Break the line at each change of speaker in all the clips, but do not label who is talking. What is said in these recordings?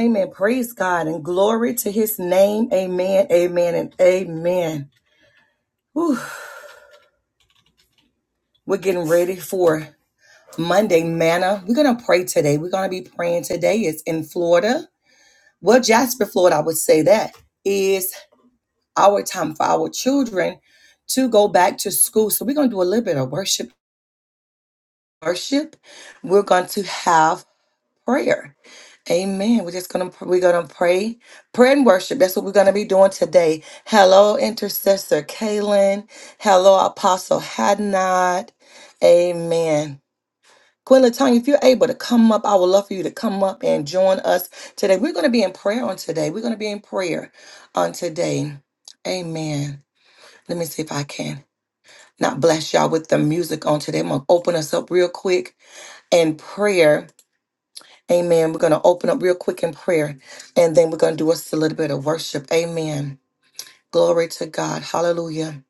Amen. Praise God and glory to his name. Amen. Amen and amen. Whew. We're getting ready for Monday manna. We're going to pray today. We're going to be praying today. It's in Florida. Well, Jasper, Florida, I would say that is our time for our children to go back to school. So we're going to do a little bit of worship. Worship. We're going to have prayer. Amen. We're just gonna we're gonna pray, pray and worship. That's what we're gonna be doing today. Hello, intercessor Kaylin. Hello, Apostle Hadnot. Amen. Queen Latanya, if you're able to come up, I would love for you to come up and join us today. We're gonna be in prayer on today. We're gonna be in prayer on today. Amen. Let me see if I can not bless y'all with the music on today. I'm gonna open us up real quick in prayer Amen. We're going to open up real quick in prayer and then we're going to do us a little bit of worship. Amen. Glory to God. Hallelujah.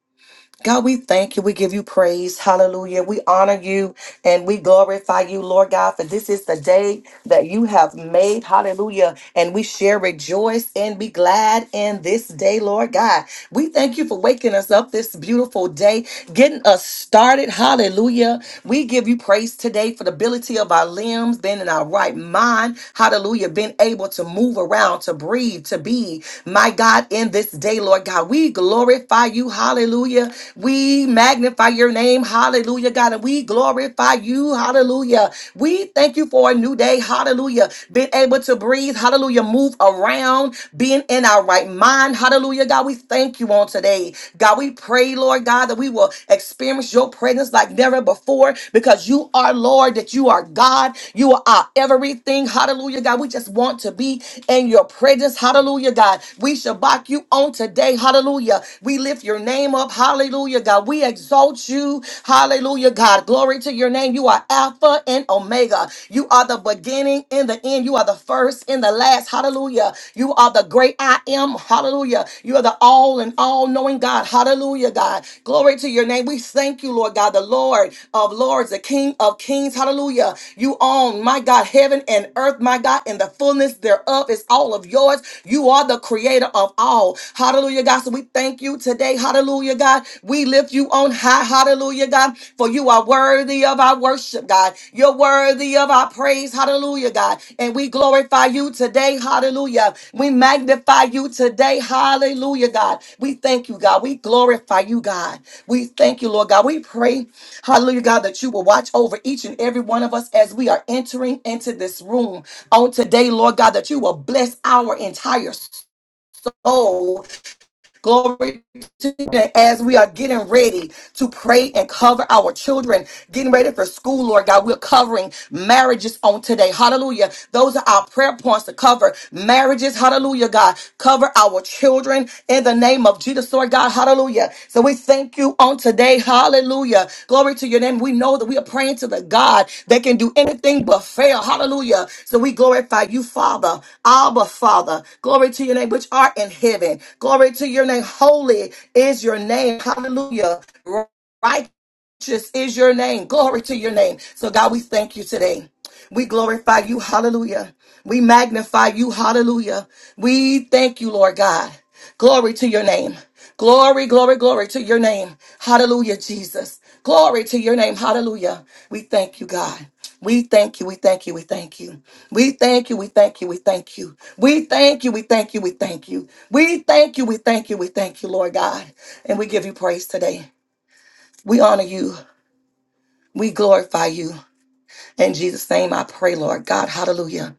God, we thank you. We give you praise. Hallelujah. We honor you and we glorify you, Lord God, for this is the day that you have made. Hallelujah. And we share rejoice and be glad in this day, Lord God. We thank you for waking us up this beautiful day, getting us started. Hallelujah. We give you praise today for the ability of our limbs, being in our right mind. Hallelujah. Being able to move around, to breathe, to be, my God, in this day, Lord God. We glorify you. Hallelujah. We magnify your name. Hallelujah, God. And we glorify you. Hallelujah. We thank you for a new day. Hallelujah. Being able to breathe. Hallelujah hallelujah, move around, being in our right mind, hallelujah, God. We thank you on today, God. We pray, Lord God, that we will experience your presence like never before because you are Lord, that you are God, you are our everything, hallelujah, God. We just want to be in your presence, hallelujah, God. We shabak you on today, hallelujah. We lift your name up, hallelujah, God. We exalt you, hallelujah, God. Glory to your name. You are Alpha and Omega. You are the beginning and the end. You are the first and the last. Hallelujah. You are the great I am. Hallelujah. You are the all and all knowing God. Hallelujah, God. Glory to your name. We thank you, Lord God, the Lord of Lords, the King of Kings. Hallelujah. You own, my God, heaven and earth, my God, and the fullness thereof is all of yours. You are the creator of all. Hallelujah, God. So we thank you today. Hallelujah, God. We lift you on high, hallelujah, God, for you are worthy of our worship, God. You're worthy of our praise, hallelujah, God. And we glorify you today, hallelujah. We magnify you today, hallelujah, God. We thank you, God. We glorify you, God. We thank you, Lord God. We pray, hallelujah, God, that you will watch over each and every one of us as we are entering into this room on today, Lord God, that you will bless our entire soul Glory to you. As we are getting ready to pray and cover our children, getting ready for school, Lord God, we're covering marriages on today. Hallelujah. Those are our prayer points to cover marriages. Hallelujah, God. Cover our children in the name of Jesus, Lord God. Hallelujah. So and we thank you on today. Hallelujah. Glory to your name. We know that we are praying to the God that can do anything but fail. Hallelujah. So we glorify you, Father. Abba, Father. Glory to your name, which art in heaven. Glory to your name. Holy is your name. Hallelujah. Righteous is your name. Glory to your name. So, God, we thank you today. We glorify you. Hallelujah. We magnify you. Hallelujah. We thank you, Lord God. Glory to your name. Glory, glory, glory to your name. Hallelujah, Jesus. Glory to your name. Hallelujah. We thank you, God. We thank you. We thank you. We thank you. We thank you. We thank you. We thank you. We thank you. We thank you. We thank you. We thank you. We thank you. We thank you, Lord God. And we give you praise today. We honor you. We glorify you. In Jesus' name I pray, Lord God. Hallelujah.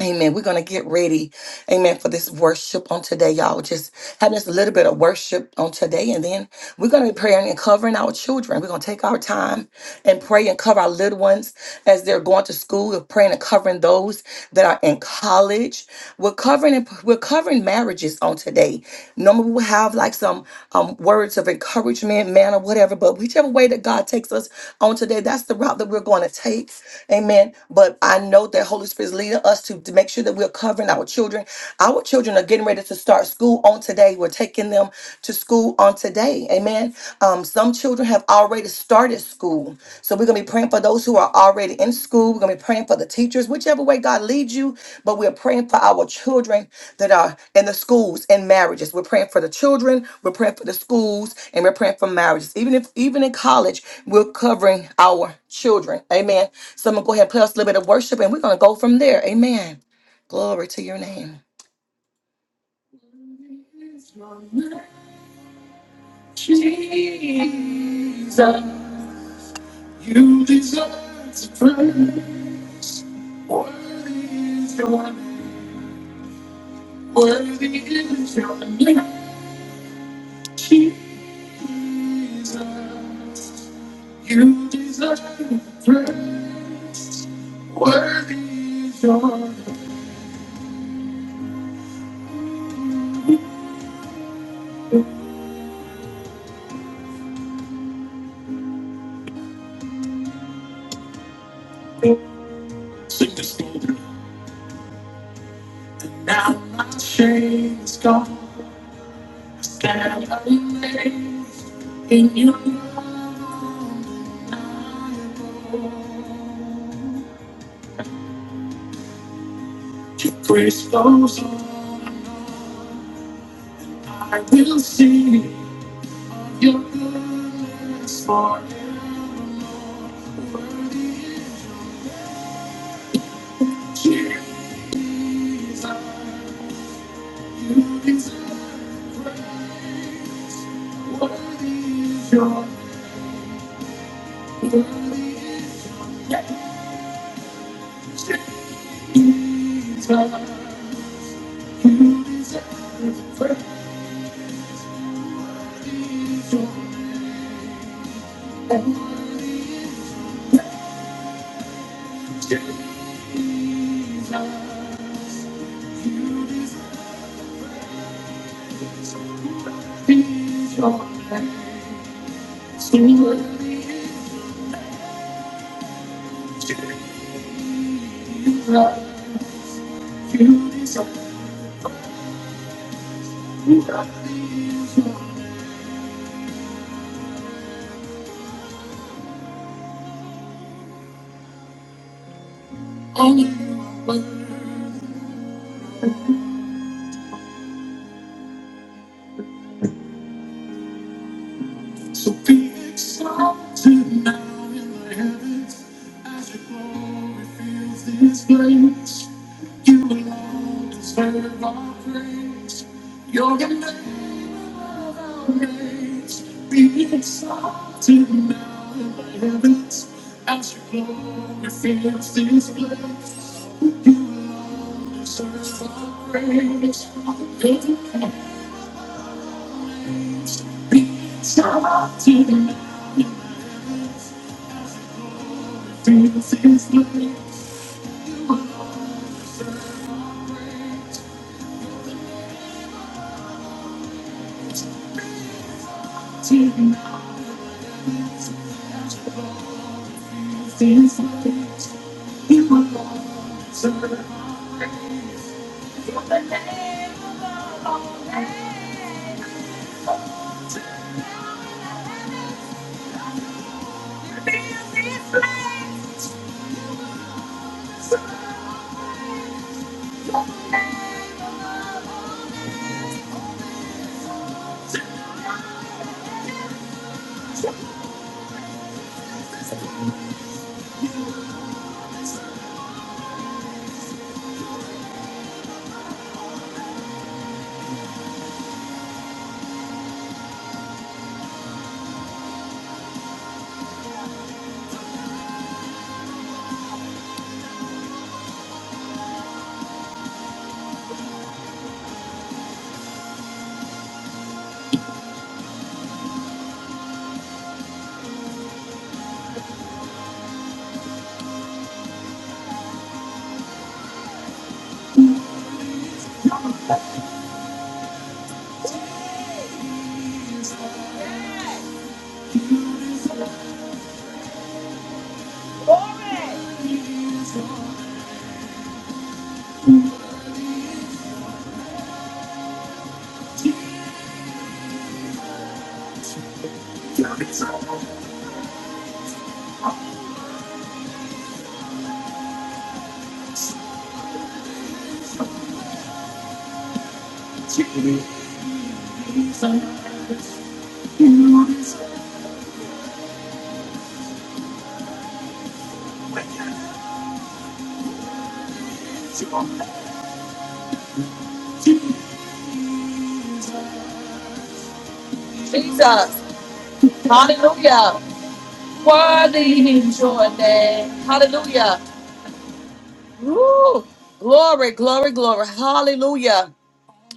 Amen. We're going to get ready. Amen. For this worship on today, y'all. Just having just a little bit of worship on today. And then we're going to be praying and covering our children. We're going to take our time and pray and cover our little ones as they're going to school. We're praying and covering those that are in college. We're covering, we're covering marriages on today. Normally we'll have like some um, words of encouragement, man, or whatever. But whichever way that God takes us on today, that's the route that we're going to take. Amen. But I know that Holy Spirit is leading us to to make sure that we're covering our children. Our children are getting ready to start school on today. We're taking them to school on today. Amen. Um, some children have already started school. So we're going to be praying for those who are already in school. We're going to be praying for the teachers, whichever way God leads you. But we're praying for our children that are in the schools and marriages. We're praying for the children. We're praying for the schools and we're praying for marriages. Even if, even in college, we're covering our children. Amen. So I'm going to go ahead and play us a little bit of worship and we're going to go from there. Amen. Glory to your name. Worthy Worthy Worthy is is is is your your your name, name. name, Jesus. Jesus. You You deserve deserve praise. praise. Sing this glory. and now my shame is gone. in your love. to praise goes on. I will sing your goodness for Jesus. You deserve praise. Worthy is your worthy is your name, Jesus. You deserve praise. You deserve So be exalted now in the heavens as your glory fills this place. You alone deserve our praise. You're the name above our names. Be exalted now in the heavens as your glory fills this place. You alone deserve our praise. You're the Jesus. Hallelujah. Worthy is your name. Hallelujah. Woo. Glory, glory, glory. Hallelujah.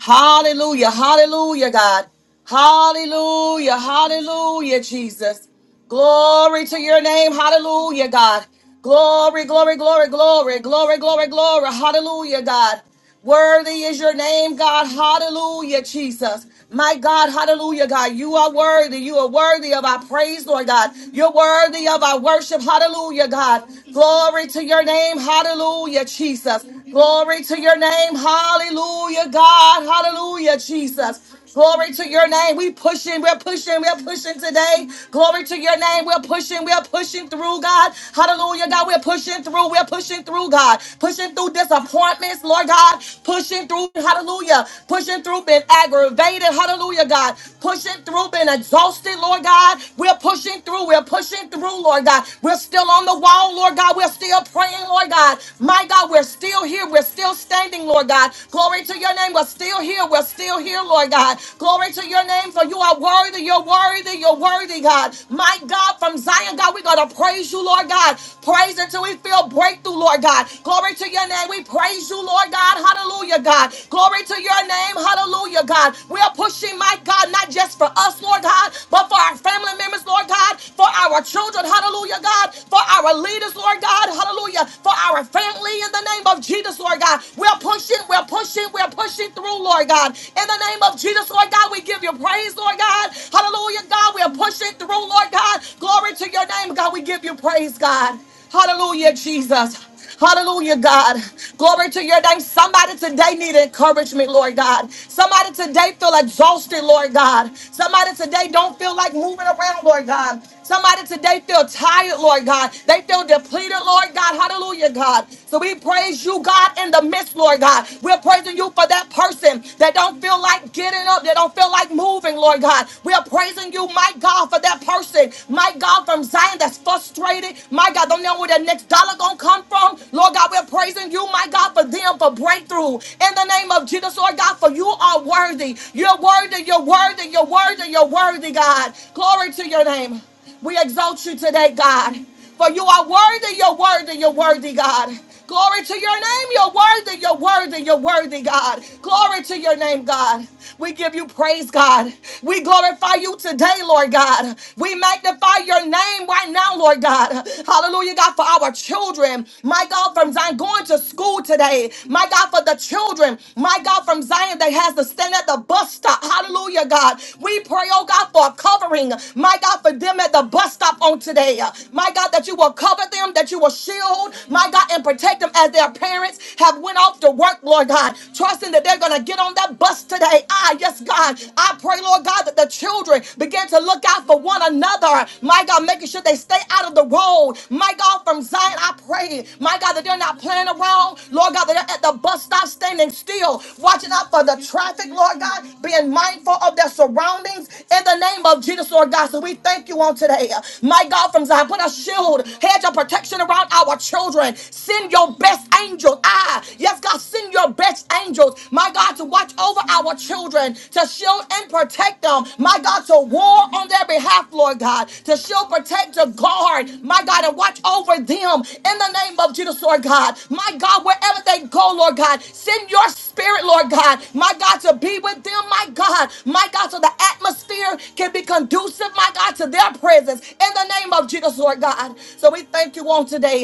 Hallelujah. Hallelujah, God. Hallelujah. Hallelujah, Jesus. Glory to your name. Hallelujah, God. Glory, glory, glory, glory, glory, glory, glory. Hallelujah, God. Worthy is your name, God. Hallelujah, Jesus. My God, hallelujah, God. You are worthy. You are worthy of our praise, Lord God. You're worthy of our worship. Hallelujah, God. Glory to your name. Hallelujah, Jesus. Glory to your name. Hallelujah, God. Hallelujah, Jesus. Glory to your name. We pushing, we're pushing, we're pushing today. Glory to your name. We're pushing, we're pushing through, God. Hallelujah, God. We're pushing through, we're pushing through, God. Pushing through disappointments, Lord God. Pushing through, hallelujah. Pushing through, been aggravated, hallelujah, God. Pushing through, been exhausted, Lord God. We're pushing through, we're pushing through, Lord God. We're still on the wall, Lord God. We're still praying praying, Lord God. My God, we're still here. We're still standing, Lord God. Glory to your name. We're still here. We're still here, Lord God. Glory to your name, for you are worthy. You're worthy. You're worthy, God. My God, from Zion, God, we're going to praise you, Lord God. Praise until we feel breakthrough, Lord God. Glory to your name. We praise you, Lord God. Hallelujah, God. Glory to your name. Hallelujah, God. We are pushing, my God, not just for us, Lord God, but for our family members, Lord God, for our children. Hallelujah, God. God, for our leaders, Lord God, hallelujah, for our family in the name of Jesus, Lord God. We're pushing, we're pushing, we're pushing through, Lord God. In the name of Jesus, Lord God, we give you praise, Lord God. Hallelujah, God, we're pushing through, Lord God. Glory to your name, God, we give you praise, God. Hallelujah, Jesus. Hallelujah, God. Glory to your name. Somebody today need encouragement, Lord God. Somebody today feel exhausted, Lord God. Somebody today don't feel like moving around, Lord God. Somebody today feel tired, Lord God. They feel depleted, Lord God. Hallelujah, God. So we praise you, God, in the midst, Lord God. We're praising you for that person that don't feel like getting up, that don't feel like moving, Lord God. We are praising you, my God, for that person, my God, from Zion that's frustrated, my God, don't know where their next next dollar gonna come from. Lord God, we're praising you, my God, for them for breakthrough. In the name of Jesus, Lord God, for you are worthy. You're worthy, you're worthy, you're worthy, you're worthy, God. Glory to your name. We exalt you today, God. For you are worthy, you're worthy, you're worthy, God. Glory to your name. You're worthy. You're worthy. You're worthy, God. Glory to your name, God. We give you praise, God. We glorify you today, Lord God. We magnify your name right now, Lord God. Hallelujah, God, for our children. My God, from Zion going to school today. My God, for the children. My God, from Zion that has to stand at the bus stop. Hallelujah, God. We pray, oh God, for a covering. My God, for them at the bus stop on today. My God, that that you will cover them, that you will shield, my God, and protect them as their parents have went off to work, Lord God, trusting that they're going to get on that bus today. Ah, yes, God. I pray, Lord God, that the children begin to look out for one another. My God, making sure they stay out of the road. My God, from Zion, I pray, my God, that they're not playing around. Lord God, that they're at the bus stop standing still, watching out for the traffic, Lord God, being mindful of their surroundings in the name of Jesus, Lord God. So we we thank you on today. My God, from Zion, put a shield, hedge of protection around our children. Send your best angels. Ah, yes, God, send your best angels. My God, to watch over our children, to shield and protect them. My God, to war on their behalf, Lord God, to shield, protect, to guard. My God, and watch over them in the name of Jesus, Lord God. My God, wherever they go, Lord God, send your spirit, Lord God. My God, to be with them, my God my God, so the atmosphere can be conducive, my God, to their presence in the name of Jesus, Lord God. So we thank you on today.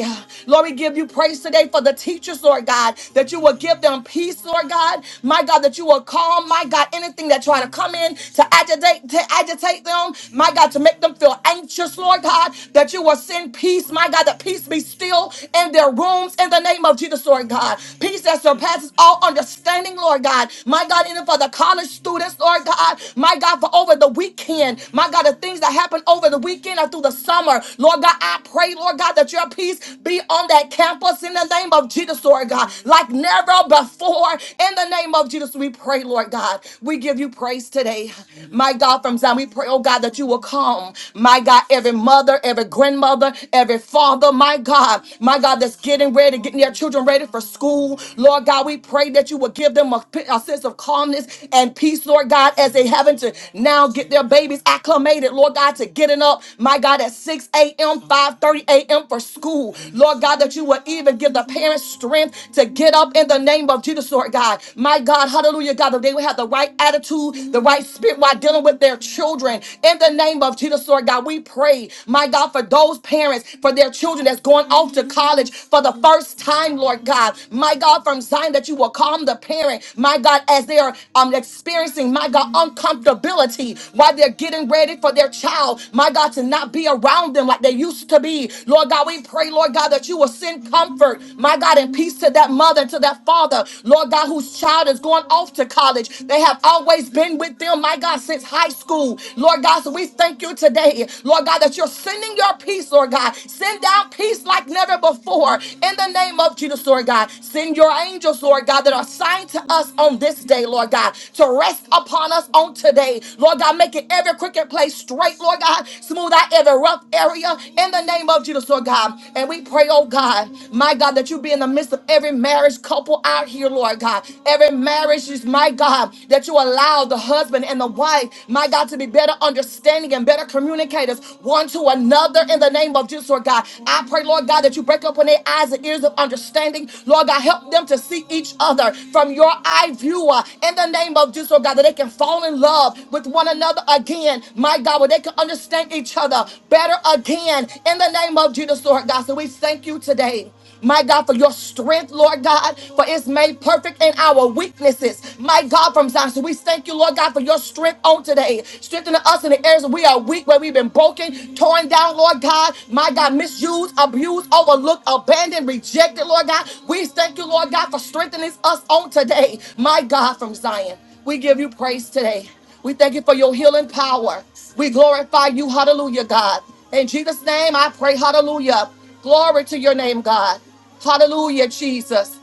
Lord, we give you praise today for the teachers, Lord God, that you will give them peace, Lord God. My God, that you will calm, my God, anything that try to come in to agitate, to agitate them, my God, to make them feel anxious, Lord God, that you will send peace, my God, that peace be still in their rooms in the name of Jesus, Lord God. Peace that surpasses all understanding, Lord praying, Lord God. My God, even for the college students, Lord God. My God, for over the weekend. My God, the things that happen over the weekend or through the summer. Lord God, I pray, Lord God, that your peace be on that campus in the name of Jesus, Lord God. Like never before. In the name of Jesus, we pray, Lord God. We give you praise today. My God, from Zion, we pray, oh God, that you will come. My God, every mother, every grandmother, every father, my God, my God, that's getting ready, getting their children ready for school. Lord God, we pray that you would give them a a sense of calmness and peace, Lord God, as they having to now get their babies acclimated, Lord God, to getting up, my God, at 6 a.m., 5:30 a.m. for school. Lord God, that you would even give the parents strength to get up in the name of Jesus, Lord God. My God, hallelujah, God, that they would have the right attitude, the right spirit while dealing with their children. In the name of Jesus, Lord God, we pray, my God, for those parents, for their children children that's going off to college for the first time, Lord God. My God, from Zion, that you will calm the parent, my God, as they are um, experiencing, my God, uncomfortability while they're getting ready for their child, my God, to not be around them like they used to be. Lord God, we pray, Lord God, that you will send comfort, my God, and peace to that mother, to that father, Lord God, whose child is going off to college. They have always been with them, my God, since high school. Lord God, so we thank you today. Lord God, that you're sending your peace, Lord God. Send down peace like never before in the name of Jesus, Lord God. Send your angels, Lord God, that are assigned to us on this day, Lord God, to rest upon us on today. Lord God, make it every crooked place straight, Lord God. Smooth out every rough area in the name of Jesus, Lord God. And we pray, oh God, my God, that you be in the midst of every marriage couple out here, Lord God. Every marriage is, my God, that you allow the husband and the wife life, my God, to be better understanding and better communicators one to another in the name of Jesus, Lord God. I pray, Lord God, that you break open their eyes and ears of understanding. Lord God, help them to see each other from your eye viewer, in the name of Jesus, Lord God, that they can fall in love with one another again, my God, where they can understand each other better again in the name of Jesus, Lord God. So we thank you today. My God, for your strength, Lord God, for it's made perfect in our weaknesses. My God, from Zion. So we thank you, Lord God, for your strength on today. Strengthening us in the areas where we are weak, where we've been broken, torn down, Lord God. My God, misused, abused, overlooked, abandoned, rejected, Lord God. We thank you, Lord God, for strengthening us on today. My God, from Zion. We give you praise today. We thank you for your healing power. We glorify you. Hallelujah, God. In Jesus' name, I pray. Hallelujah. Glory to your name, God. Hallelujah, Jesus.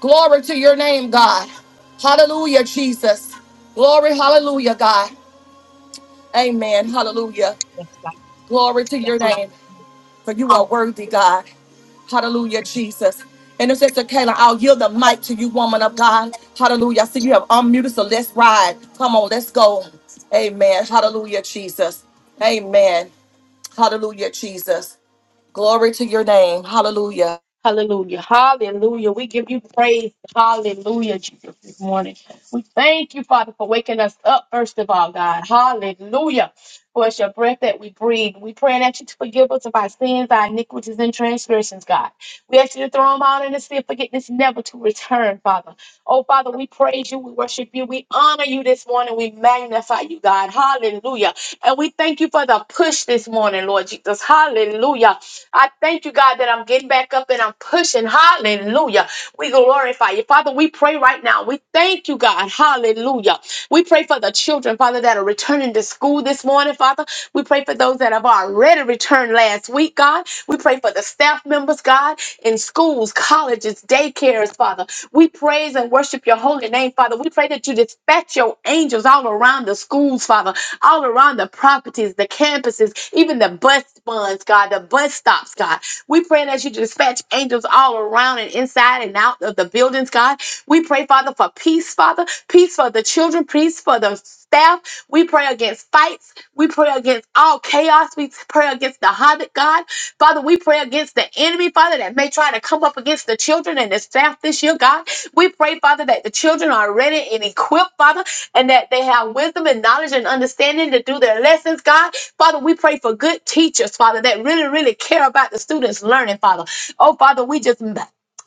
Glory to your name, God. Hallelujah, Jesus. Glory, hallelujah, God. Amen. Hallelujah. Glory to your name. For you are worthy, God. Hallelujah, Jesus. And it's Sister Kayla, I'll yield the mic to you, woman of God. Hallelujah. I see you have unmuted, so let's ride. Come on, let's go. Amen. Hallelujah, Jesus. Amen. Hallelujah, Jesus. Glory to your name. Hallelujah.
Jesus this morning. Thank you, Father, for upright. How is your breath that we breathe? We praying that you to forgive us of our sins, our iniquities, and transgressions, God. We ask you to throw them out in the sea of forgiveness, never to return, Father. Oh, Father, we praise you, we worship you, we honor you this morning, we magnify you, God. Hallelujah. And we thank you for the push this morning, Lord Jesus. Hallelujah. I thank you, God, that I'm getting back up and I'm pushing. Hallelujah. We glorify you. Father, we pray right now. We thank you, God. Hallelujah We pray for the children, Father, that are returning to school this morning, Father. We pray for those that have already returned last week, God. We pray for the staff members, God, in schools, colleges, daycares, Father. We praise and worship your holy name, Father. We pray that you dispatch your angels all around the schools, Father, all around the properties properties, the campuses, even the bus funds, God, the bus stops, God. We pray that you dispatch angels all around and inside and out of the buildings, God. We pray, Father, for peace, Father, peace for the children, peace for the staff. We pray against fights. We pray against all chaos. We pray against the havoc, God. Father, we pray against the enemy, Father, that may try to come up against the children and the staff this year, God. We pray, Father, that the children are ready and equipped, Father, and that they have wisdom and knowledge and understanding to do their lessons, God. Father, we pray for good teachers, Father, that really, really care about the students' learning, Father. Oh, Father, we just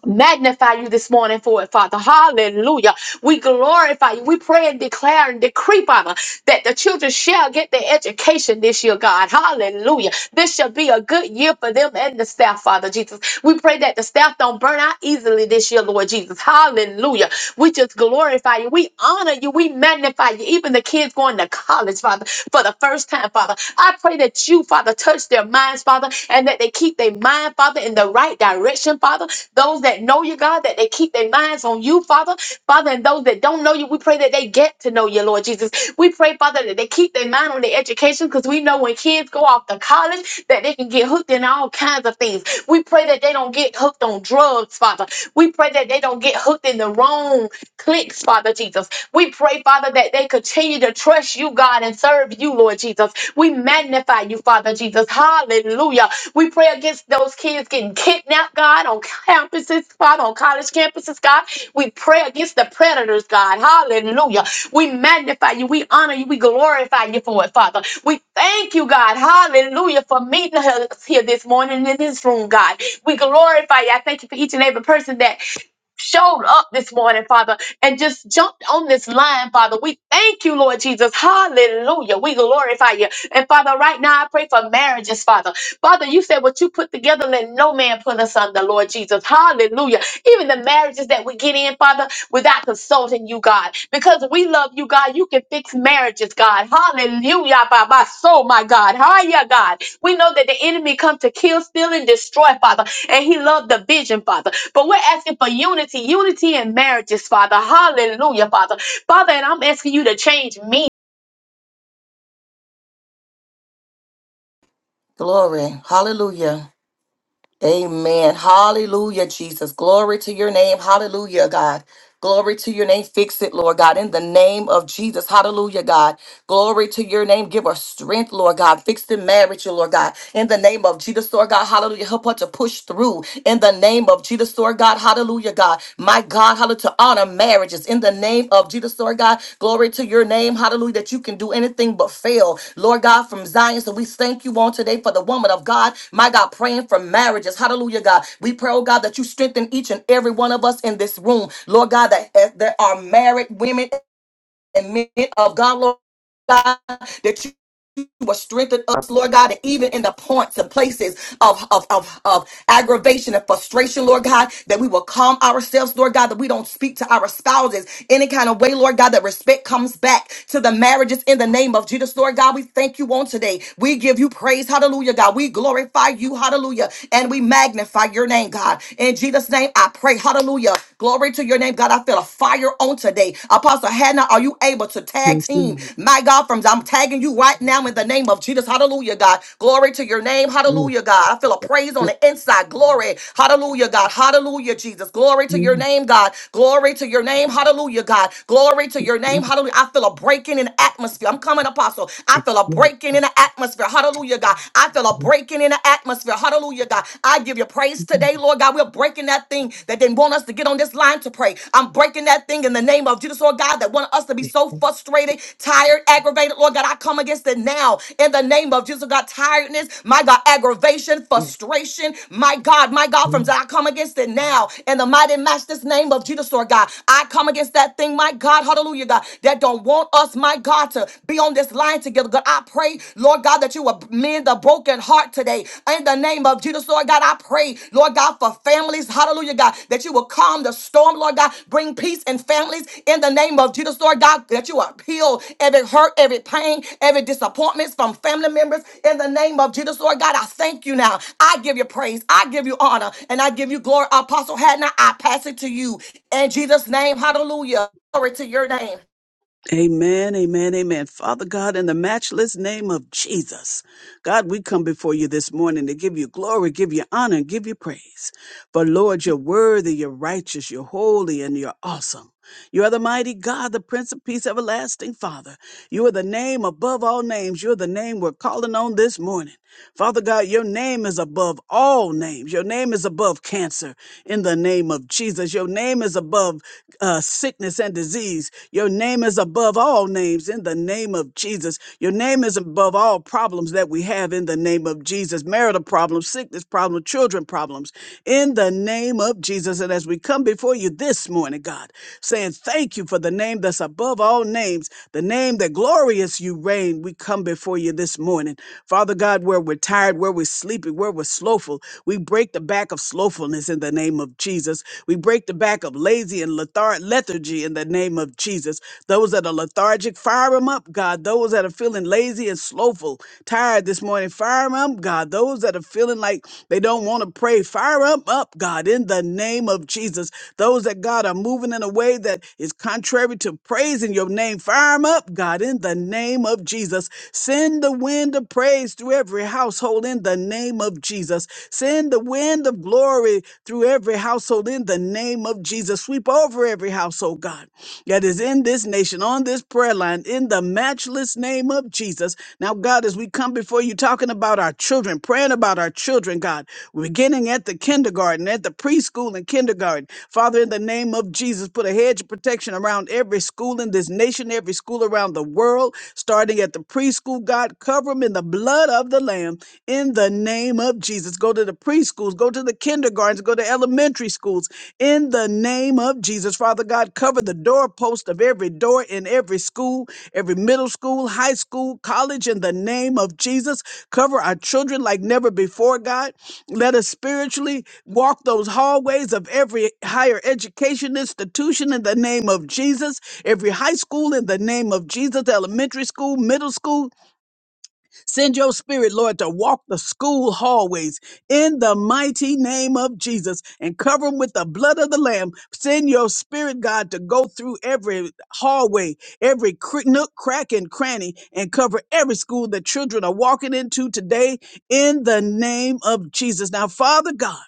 magnify you this morning for it, Father. Hallelujah. We glorify you. We pray and declare and decree, Father, that the children shall get their education this year, God. Hallelujah. This shall be a good year for them and the staff, Father Jesus. We pray that the staff don't burn out easily this year, Lord Jesus. Hallelujah. We just glorify you. We honor you. We magnify you. Even the kids going to college, Father, for the first time, Father. I pray that you, Father, touch their minds, Father, and that they keep their mind, Father, in the the right direction, Father. Those that know you, God, that they keep their minds on you, Father. Father, and those that don't know you, we pray that they get to know you, Lord Jesus. We pray, Father, that they keep their mind on their education because we know when kids go off to college that they can get hooked in all kinds of things. We pray that they don't get hooked on drugs, Father. We pray that they don't get hooked in the wrong cliques, Father Jesus. We pray, Father, that they continue to trust you, God, and serve you, Lord Jesus. We magnify you, Father Jesus. Hallelujah. We pray against those kids getting kidnapped, God, on campuses, Father, on college campuses, God. We pray against the predators, God. Hallelujah. We magnify you. We honor you. We glorify you for it, Father. We thank you, God. Hallelujah, for meeting us here this morning in this room, God. We glorify you. I thank you for each and every person that showed up this morning, Father, and just jumped on this line, Father. We thank you, Lord Jesus. Hallelujah. We glorify you. And Father, right now I pray for marriages, Father. Father, you said what you put together, let no man put us under, Lord Jesus. Hallelujah. Even the marriages that we get in, Father, without consulting you, God. Because we love you, God. You can fix marriages, God. Hallelujah. By my soul, my God. Hallelujah, God. We know that the enemy come to kill, steal, and destroy, Father. And he loved the vision, Father. But we're asking for unity, unity in marriages, Father. Hallelujah, Father. Father, and I'm asking you to change me.
Glory. Hallelujah. Amen. Hallelujah, Jesus. Glory to your name. Hallelujah, God. Glory to your name. Fix it, Lord God, in the name of Jesus. Hallelujah, God. Glory to your name. Give her strength, Lord God. Fix the marriage, Lord God, in the name of Jesus, Lord God. Hallelujah. Help her to push through in the name of Jesus, Lord God. Hallelujah, God my God, hallelujah, to honor marriages in the name of Jesus, Lord God. Glory to your name, hallelujah, that you can do anything but fail, Lord God, from Zion. So we thank you on today for the woman of God, my God, praying for marriages, hallelujah, God. We pray, oh God, that you strengthen each and every one of us in this room, Lord God, that uh, there are married women and men of God, Lord. God, that you you will strengthen us, Lord God, and even in the points and places of, of, of, of aggravation and frustration, Lord God, that we will calm ourselves, Lord God, that we don't speak to our spouses any kind of way, Lord God, that respect comes back to the marriages in the name of Jesus, Lord God. We thank you on today. We give you praise, hallelujah, God. We glorify you, hallelujah, and we magnify your name, God. In Jesus' name, I pray, hallelujah. Glory to your name, God. I feel a fire on today today. Apostle Hannah, are you able to tag
Yes,
team?
ma'am.
My God, from I'm tagging you right now in the name of Jesus. Hallelujah, God. Glory to your name.
Yes.
Hallelujah, God. I feel a praise on
Yeah.
the inside. Glory. Hallelujah, God. Hallelujah, Jesus. Glory to
Yeah.
your name, God. Glory to your name. Hallelujah, God. Glory to your name. Hallelujah. I feel a breaking in the atmosphere. I'm coming, Apostle. I feel a breaking in the atmosphere. Hallelujah, God. I feel a breaking in the atmosphere. Hallelujah, God. I give you praise marriages today, Lord God. We're breaking that thing that didn't want us to get on this line to pray. I'm breaking that thing in the name of Jesus, Lord God, that want us to be
Yeah.
so frustrated, tired, aggravated. Lord God, I come against it now in the name of Jesus, God. Tiredness, my God, aggravation,
Yeah.
frustration, my God, my God,
Yeah.
from I come against it now in the mighty matchless name of Jesus, Lord God. I come against that thing, my God, hallelujah, God, that don't want us, my God, to be on this line together. God, I pray pray, Lord God, that you will mend the broken heart today. In the name of Jesus, Lord God, I pray, Lord God, for families. Hallelujah, God, that you will calm the storm, Lord God. Bring peace in families. In the name of Jesus, Lord God, that you will heal every hurt, every pain, every disappointments from family members. In the name of Jesus, Lord God, I thank you now. I give you praise. I give you honor. And I give you glory. Apostle Hadna, I pass it to you. In Jesus' name, hallelujah. Glory to your name.
Amen, amen, amen. Father God, in the matchless name of Jesus, God, we come before you this morning to give you glory, give you honor, and give you praise. For Lord, you're worthy, you're righteous, you're holy, and you're awesome. You are the mighty God, the Prince of Peace, everlasting Father. You are the name above all names. You're the name we're calling on this morning. Father God, your name is above all names. Your name is above cancer in the name of Jesus. Your name is above uh, sickness and disease. Your name is above all names in the name of Jesus. Your name is above all problems that we have in the name of Jesus marital problems, sickness problems, children problems in the name of Jesus. And as we come before you this morning, God, saying thank you for the name that's above all names, the name that glorious you reign, we come before you this morning. Father God, where we're tired, where we're sleepy, where we're slothful, we break the back of slothfulness in the name of Jesus. We break the back of lazy and lethar- lethargy in the name of Jesus. Those that are lethargic, fire them up, God. Those that are feeling lazy and slothful, tired this morning, fire them up, God. Those that are feeling like they don't want to pray, fire them up, God, in the name of Jesus. Those that, God, are moving in a way that is contrary to praise in your name, fire them up, God, in the name of of Jesus. Send the wind of praise through every household in the name of Jesus. Send the wind of glory through every household in the name of Jesus. Sweep over every household, God, that is in this nation, on this prayer line, in the matchless name of Jesus. Now, God, as we come before you talking about our children, praying about our children, God, beginning at the kindergarten, at the preschool and kindergarten, Father, in the name of Jesus. Jesus, put a hedge of protection around every school in this nation, every school around the world, starting at the preschool. God, cover them in the blood of the Lamb in the name of Jesus. Go to the preschools, go to the kindergartens, go to elementary schools in the name of Jesus. Father God, cover the doorpost of every door in every school, every middle school, high school, college in the name of Jesus. Cover our children like never before, God. Let us spiritually walk those hallways of every higher education institution in the name of Jesus, every high school in the name of Jesus, elementary school, middle school, Send your spirit, Lord, to walk the school hallways in the mighty name of Jesus and cover them with the blood of the Lamb. Send your spirit, God, to go through every hallway, every cr- nook, crack, and cranny and cover every school that children are walking into today in the name of Jesus. Now, Father God,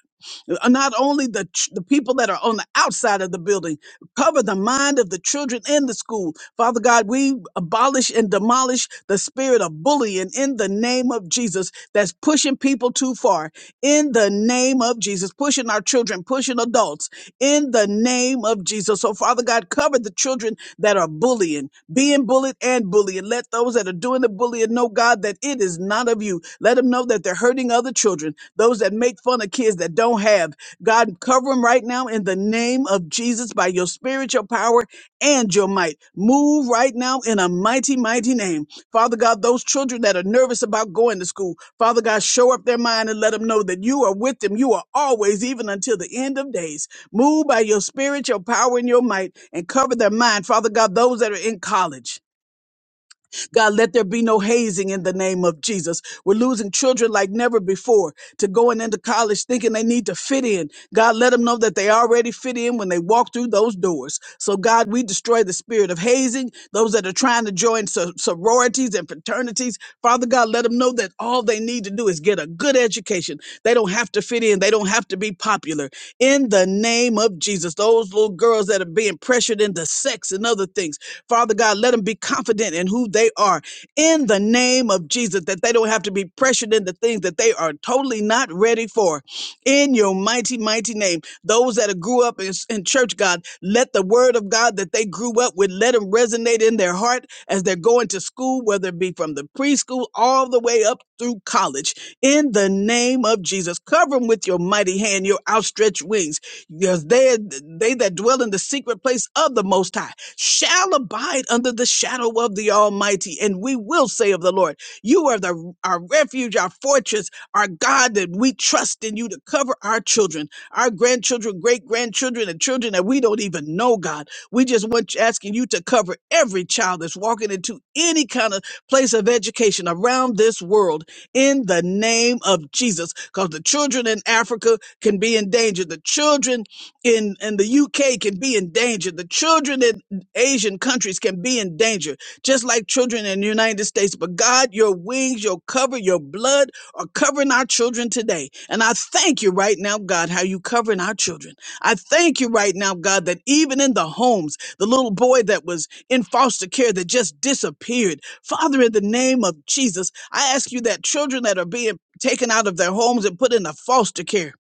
uh, not only the, ch- the people that are on the outside of the building, Cover the mind of the children in the school. Father God, we abolish and demolish the spirit of bullying in the name of Jesus that's pushing people too far. In the name of Jesus, pushing our children, pushing adults. In the name of Jesus. So, Father God, cover the children that are bullying, being bullied and bullying. Let those that are doing the bullying know, God, that it is not of you. Let them know that they're hurting other children, those that make fun of kids that don't have. God, cover them right now in the name of Jesus by your spiritual power and your might. Move right now in a mighty, mighty name. Father God, those children that are nervous about going to school, Father God, show up their mind and let them know that you are with them. You are always, even until the end of days. Move by your spiritual power and your might and cover their mind. Father God, those that are in college. God, let there be no hazing in the name of Jesus. We're losing children like never before to going into college thinking they need to fit in. God, let them know that they already fit in when they walk through those doors. So, God, we destroy the spirit of hazing, those that are trying to join so- sororities and fraternities. Father God, let them know that all they need to do is get a good education. They don't have to fit in, they don't have to be popular. In the name of Jesus. Jesus, those little girls that are being pressured into sex and other things. Father God, let them be confident in who they are in the name of Jesus, that they don't have to be pressured into things that they are totally not ready for. In your mighty, mighty name, those that grew up in, in church, God, let the word of God that they grew up with, let them resonate in their heart as they're going to school, whether it be from the preschool all the way up through college. In the name of Jesus, cover them with your mighty hand, your outstretched wings because they, they that dwell in the secret place of the Most High shall abide under the shadow of the Almighty. And we will say of the Lord, You are the, our refuge, our fortress, our God, that we trust in you to cover our children, our grandchildren, great grandchildren, and children that we don't even know, God. We just want asking you to cover every child that's walking into any kind of place of education around this world in the name of Jesus. Because the children in Africa, can be in danger. The children in, in the UK can be in danger. The children in Asian countries can be in danger, just like children in the United States. But God, your wings, your cover, your blood are covering our children today. And I thank you right now, God, how you covering our children. I thank you right now, God, that even in the homes, the little boy that was in foster care that just disappeared. Father, in the name of Jesus, I ask you that children that are being taken out of their homes and put into foster care.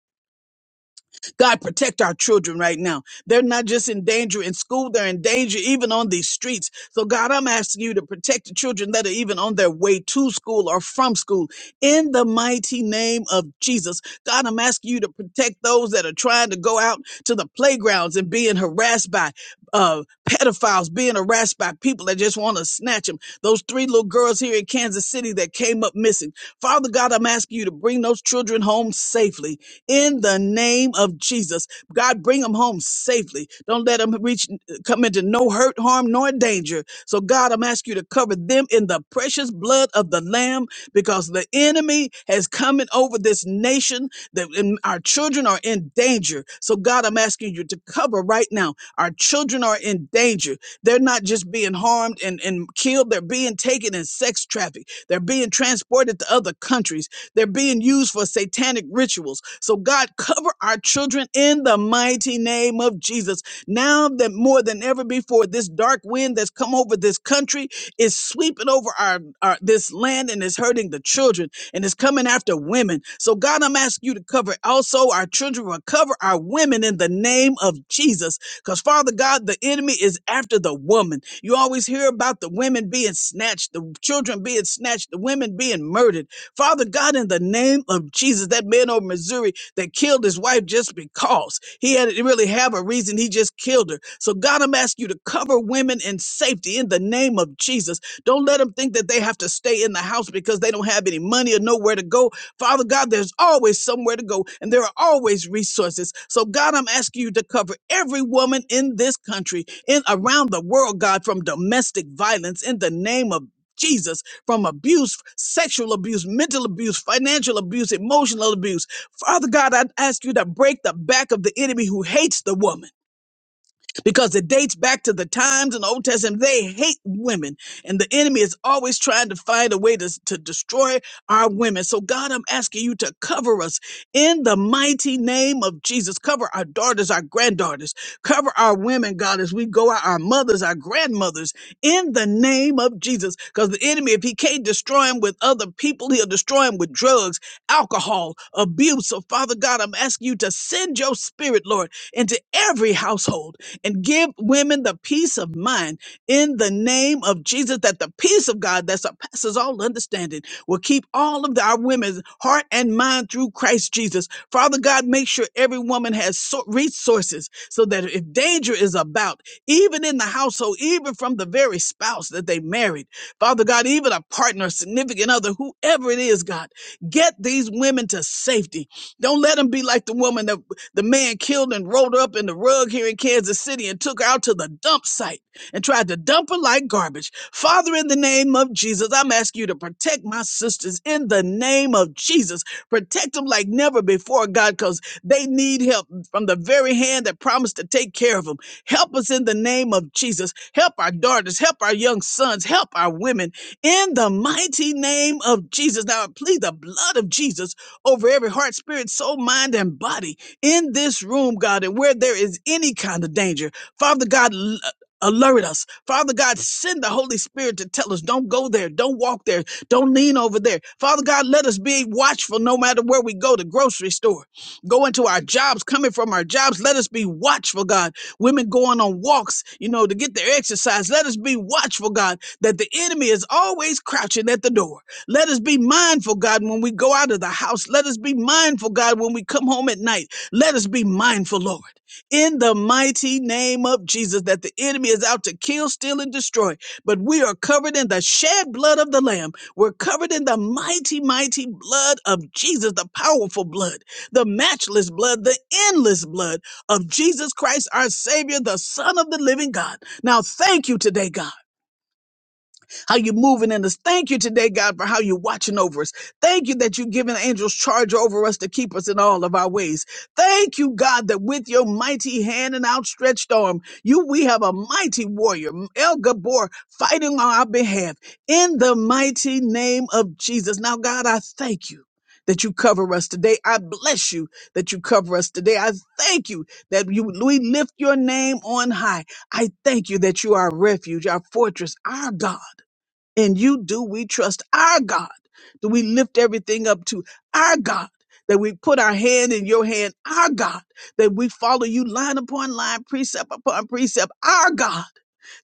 God, protect our children right now. They're not just in danger in school, they're in danger even on these streets. So, God, I'm asking you to protect the children that are even on their way to school or from school. In the mighty name of Jesus, God, I'm asking you to protect those that are trying to go out to the playgrounds and being harassed by uh, pedophiles, being harassed by people that just want to snatch them. Those three little girls here in Kansas City that came up missing. Father God, I'm asking you to bring those children home safely in the name of Jesus. God, bring them home safely. Don't let them reach, come into no hurt, harm, nor danger. So, God, I'm asking you to cover them in the precious blood of the Lamb because the enemy has come in over this nation that and our children are in danger. So, God, I'm asking you to cover right now. Our children are in danger. They're not just being harmed and, and killed, they're being taken in sex traffic. They're being transported to other countries. They're being used for satanic rituals. So, God, cover our children in the mighty name of Jesus. Now that more than ever before, this dark wind that's come over this country is sweeping over our, our this land and is hurting the children and is coming after women. So, God, I'm asking you to cover also our children, but cover our women in the name of Jesus. Because, Father God, the enemy is after the woman. You always hear about the women being snatched, the children being snatched, the women being murdered. Father God, in the name of Jesus, that man over Missouri that killed his wife just because he had didn't really have a reason, he just killed her. So God, I'm asking you to cover women in safety in the name of Jesus. Don't let them think that they have to stay in the house because they don't have any money or nowhere to go. Father God, there's always somewhere to go and there are always resources. So God, I'm asking you to cover every woman in this country, and around the world, God, from domestic violence in the name of Jesus from abuse, sexual abuse, mental abuse, financial abuse, emotional abuse. Father God, I ask you to break the back of the enemy who hates the woman because it dates back to the times in the Old Testament. They hate women, and the enemy is always trying to find a way to, to destroy our women. So, God, I'm asking you to cover us in the mighty name of Jesus. Cover our daughters, our granddaughters, cover our women, God, as we go out, our mothers, our grandmothers, in the name of Jesus. Because the enemy, if he can't destroy him with other people, he'll destroy him with drugs, alcohol, abuse. So, Father God, I'm asking you to send your spirit, Lord, into every household and give women the peace of mind in the name of Jesus that the peace of God that surpasses all understanding will keep all of our women's heart and mind through Christ Jesus. Father God, make sure every woman has so- resources so that if danger is about, even in the household, even from the very spouse that they married, Father God, even a partner, significant other, whoever it is, God, get these women to safety. Don't let them be like the woman that the man killed and rolled up in the rug here in Kansas City and took her out to the dump site and tried to dump her like garbage. Father, in the name of Jesus, I'm asking you to protect my sisters in the name of Jesus. Protect them like never before, God, because they need help from the very hand that promised to take care of them. Help us in the name of Jesus. Help our daughters. Help our young sons. Help our women in the mighty name of Jesus. Now I plead the blood of Jesus over every heart, spirit, soul, mind, and body in this room, God, and where there is any kind of danger. Father God, l- uh, alert us. Father God, send the Holy Spirit to tell us, don't go there, don't walk there, don't lean over there. Father God, let us be watchful no matter where we go, the grocery store going to our jobs, coming from our jobs. Let us be watchful, God. Women going on walks, you know, to get their exercise. Let us be watchful, God, that the enemy is always crouching at the door. Let us be mindful, God, when we go out of the house. Let us be mindful, God, when we come home at night. Let us be mindful, Lord. In the mighty name of Jesus, that the enemy is out to kill, steal, and destroy. But we are covered in the shed blood of the Lamb. We're covered in the mighty, mighty blood of Jesus, the powerful blood the matchless blood, the endless blood of Jesus Christ, our Savior, the Son of the living God. Now, thank you today, God how you're moving in us. Thank you today, God, for how you're watching over us. Thank you that you've given angels charge over us to keep us in all of our ways. Thank you, God, that with your mighty hand and outstretched arm, you we have a mighty warrior, El Gabor, fighting on our behalf in the mighty name of Jesus. Now, God, I thank you. That you cover us today. I bless you that you cover us today. I thank you that you we lift your name on high. I thank you that you are our refuge, our fortress, our God. And you do we trust our God? Do we lift everything up to our God? That we put our hand in your hand, our God. That we follow you line upon line, precept upon precept, our God.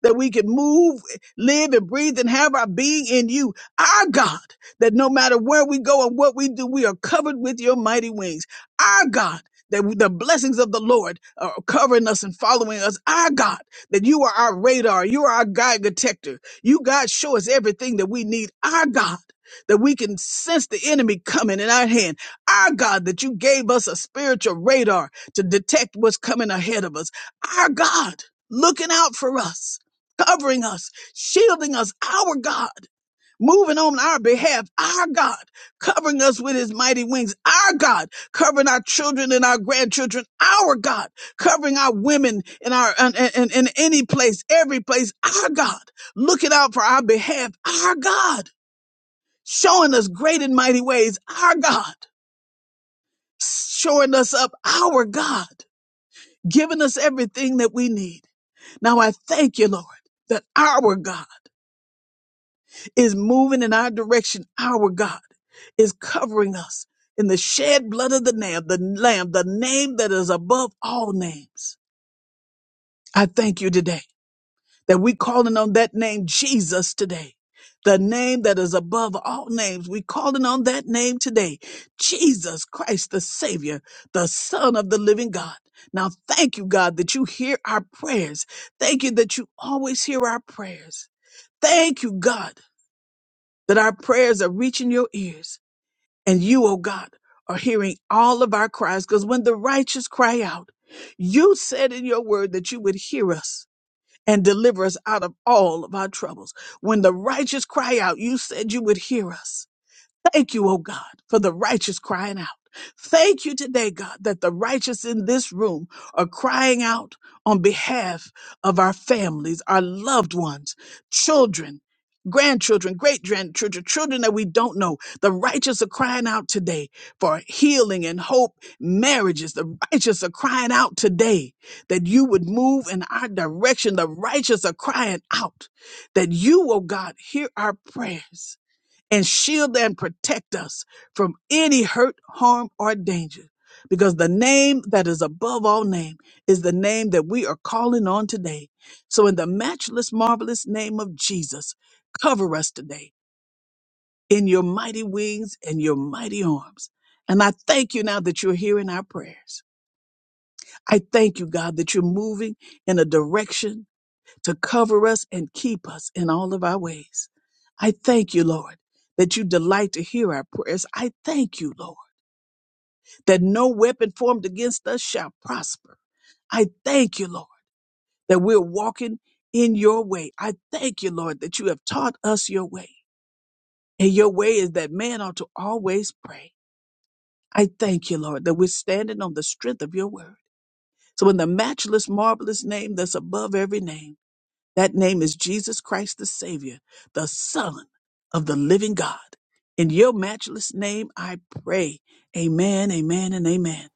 That we can move, live, and breathe and have our being in you, our God. That no matter where we go and what we do, we are covered with your mighty wings, our God. That the blessings of the Lord are covering us and following us, our God. That you are our radar, you are our guide detector you, God, show us everything that we need. Our God, that we can sense the enemy coming in our hand. Our God, that you gave us a spiritual radar to detect what's coming ahead of us. Our God, looking out for us, covering us, shielding us. Our God moving on our behalf. Our God covering us with his mighty wings. Our God covering our children and our grandchildren. Our God covering our women in our in, in, in any place, every place. Our God looking out for our behalf. Our God showing us great and mighty ways. Our God showing us up. Our God giving us everything that we need. Now I thank you, Lord, that our God is moving in our direction. Our God is covering us in the shed blood of the Lamb, the Lamb, the name that is above all names. I thank you today that we calling on that name Jesus today. The name that is above all names. We calling on that name today. Jesus Christ, the Savior, the Son of the living God. Now thank you, God, that you hear our prayers. Thank you that you always hear our prayers. Thank you, God that our prayers are reaching your ears and you, oh God, are hearing all of our cries. Because when the righteous cry out, you said in your word that you would hear us and deliver us out of all of our troubles. When the righteous cry out, you said you would hear us. Thank you, oh God, for the righteous crying out. Thank you today, God, that the righteous in this room are crying out on behalf of our families, our loved ones, children, grandchildren, great grandchildren, children that we don't know. The righteous are crying out today for healing and hope, marriages. The righteous are crying out today that you would move in our direction. The righteous are crying out that you, oh God, hear our prayers and shield and protect us from any hurt, harm, or danger. Because the name that is above all name is the name that we are calling on today. So, in the matchless, marvelous name of Jesus, cover us today in your mighty wings and your mighty arms. And I thank you now that you're hearing our prayers. I thank you, God, that you're moving in a direction to cover us and keep us in all of our ways. I thank you, Lord, that you delight to hear our prayers. I thank you, Lord, that no weapon formed against us shall prosper. I thank you, Lord, that we're walking in your way. I thank you, Lord, that you have taught us your way. And your way is that man ought to always pray. I thank you, Lord, that we're standing on the strength of your word. So in the matchless, marvelous name that's above every name, That name is Jesus Christ the Savior, the Son of the living God. In your matchless name, I pray. Amen, amen, and amen.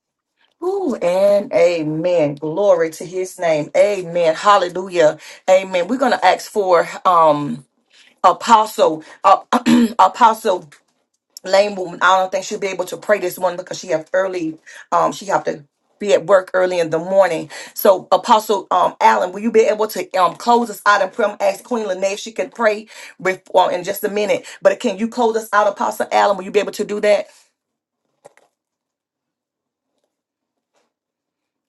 Ooh, and amen. Glory to his name. Amen. Hallelujah. Amen. We're going to ask for um apostle uh, apostle lame woman. I don't think she'll be able to pray this morning because she have early um she have to be at work early in the morning. So Apostle um Allen, will you be able to um close us out and pray? I'm ask Queen Lene if she can pray before in just a minute. But can you close us out, Apostle Allen? Will you be able to do that?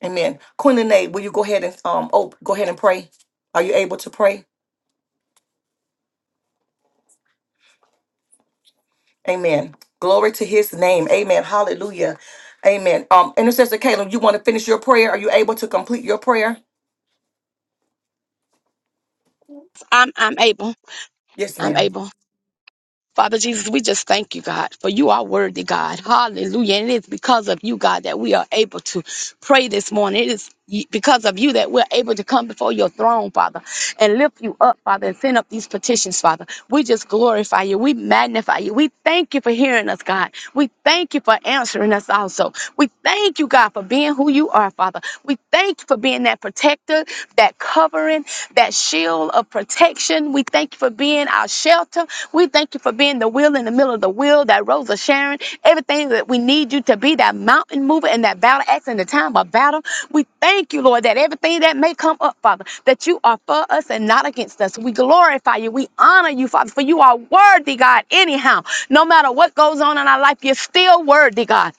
Amen. Queen Lene, will you go ahead and um oh go ahead and pray? Are you able to pray? Amen. Glory to his name. Amen. Hallelujah. Amen. Um, Intercessor Caleb, you want to finish your prayer? Are you able to complete your prayer?
I'm, I'm able.
Yes,
I'm
ma'am.
able. Father Jesus, we just thank you, God, for you are worthy, God. Hallelujah. And it is because of you, God, that we are able to pray this morning. It is y- because of you that we're able to come before your throne, Father, and lift you up, Father, and send up these petitions, Father. We just glorify you. We magnify you. We thank you for hearing us, God. We thank you for answering us also. We thank you, God, for being who you are, Father. We thank you for being that protector, that covering, that shield of protection. We thank you for being our shelter. We thank you for being the wheel in the middle of the wheel, that rose of Sharon, everything that we need you to be, that mountain mover and that battle axe in the time of battle. We thank you, Lord, that everything that may come up, Father, that you are for us and not against us. We glorify you. We honor you, Father, for you are worthy, God, anyhow. No matter what goes on in our life, you're still worthy, God.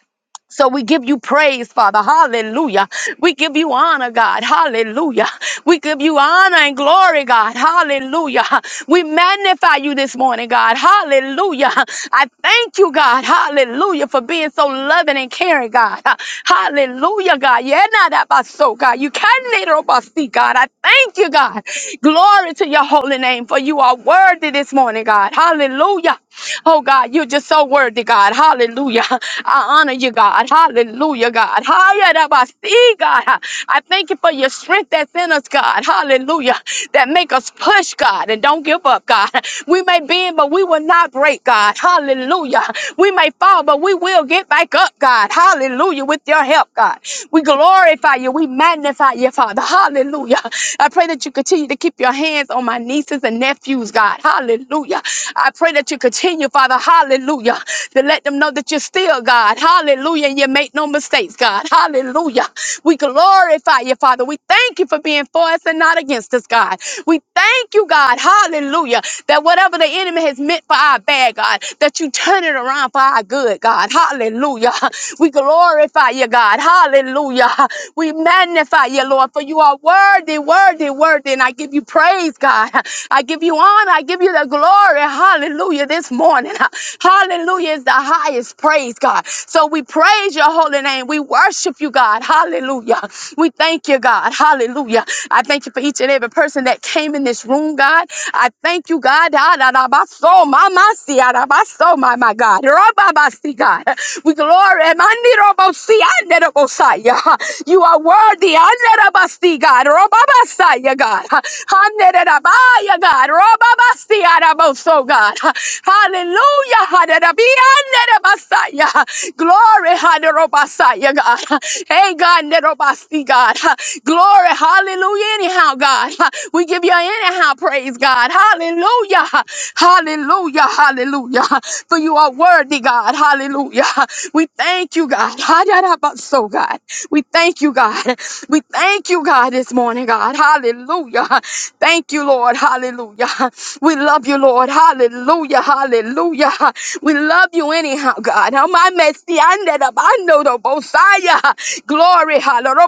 So we give you praise, Father. Hallelujah. We give you honor, God. Hallelujah. We give you honor and glory, God. Hallelujah. We magnify you this morning, God. Hallelujah. I thank you, God. Hallelujah. For being so loving and caring, God. Hallelujah, God. Yeah, not that by so, God. You can little by see, God. I thank you, God. Glory to your holy name, for you are worthy this morning, God. Hallelujah. Oh, God, you're just so worthy, God. Hallelujah. I honor you, God. Hallelujah, God. Higher than I see, God. I thank you for your strength that's in us, God. Hallelujah. That make us push, God, and don't give up, God. We may bend, but we will not break, God. Hallelujah. We may fall, but we will get back up, God. Hallelujah. With your help, God. We glorify you. We magnify you, Father. Hallelujah. I pray that you continue to keep your hands on my nieces and nephews, God. Hallelujah. Hallelujah. I pray that you continue, Father. Hallelujah. To let them know that you're still God. Hallelujah. And you make no mistakes, God. Hallelujah. We glorify you, Father. We thank you for being for us and not against us, God. We thank you, God. Hallelujah. That whatever the enemy has meant for our bad, God, that you turn it around for our good, God. Hallelujah. We glorify you, God. Hallelujah. We magnify you, Lord, for you are worthy, worthy, worthy. And I give you praise praise, God. I give you honor. I give you the glory. Hallelujah. This morning. Hallelujah is the highest praise, God. So we praise your holy name. We worship you, God. Hallelujah. We thank you, God. Hallelujah. I thank you for each and every person that came in this room, God. I thank you, God. Ah, da, da, ba, so, ma, ma, si, ah, da, ba, so, My my God. Ra, ba, ba, si, God. We glory. ma, ni, ro, bo, si, ah, ne, ro, bo, si, ah. You are worthy. Ah, ne, ro, ba, si, see, God. Robabasaya, God. Hanerabaya, God. Robabasiaraboso, God. Hallelujah. Haderabianerabasaya. Glory, Haderobasaya, God. Hey, God, Nerobasi, God. Glory, hallelujah, anyhow, God. We give you anyhow praise, God. Hallelujah. Hallelujah. Hallelujah. For you are worthy, God. Hallelujah. We thank you, God. So, God. We thank you, God. We thank you, God, this morning, God. Hallelujah. Thank you, Lord. Hallelujah. We love you, Lord. Hallelujah. Hallelujah. We love you anyhow, God. How my messy under the bando the Bosaya. Glory. Hallelujah.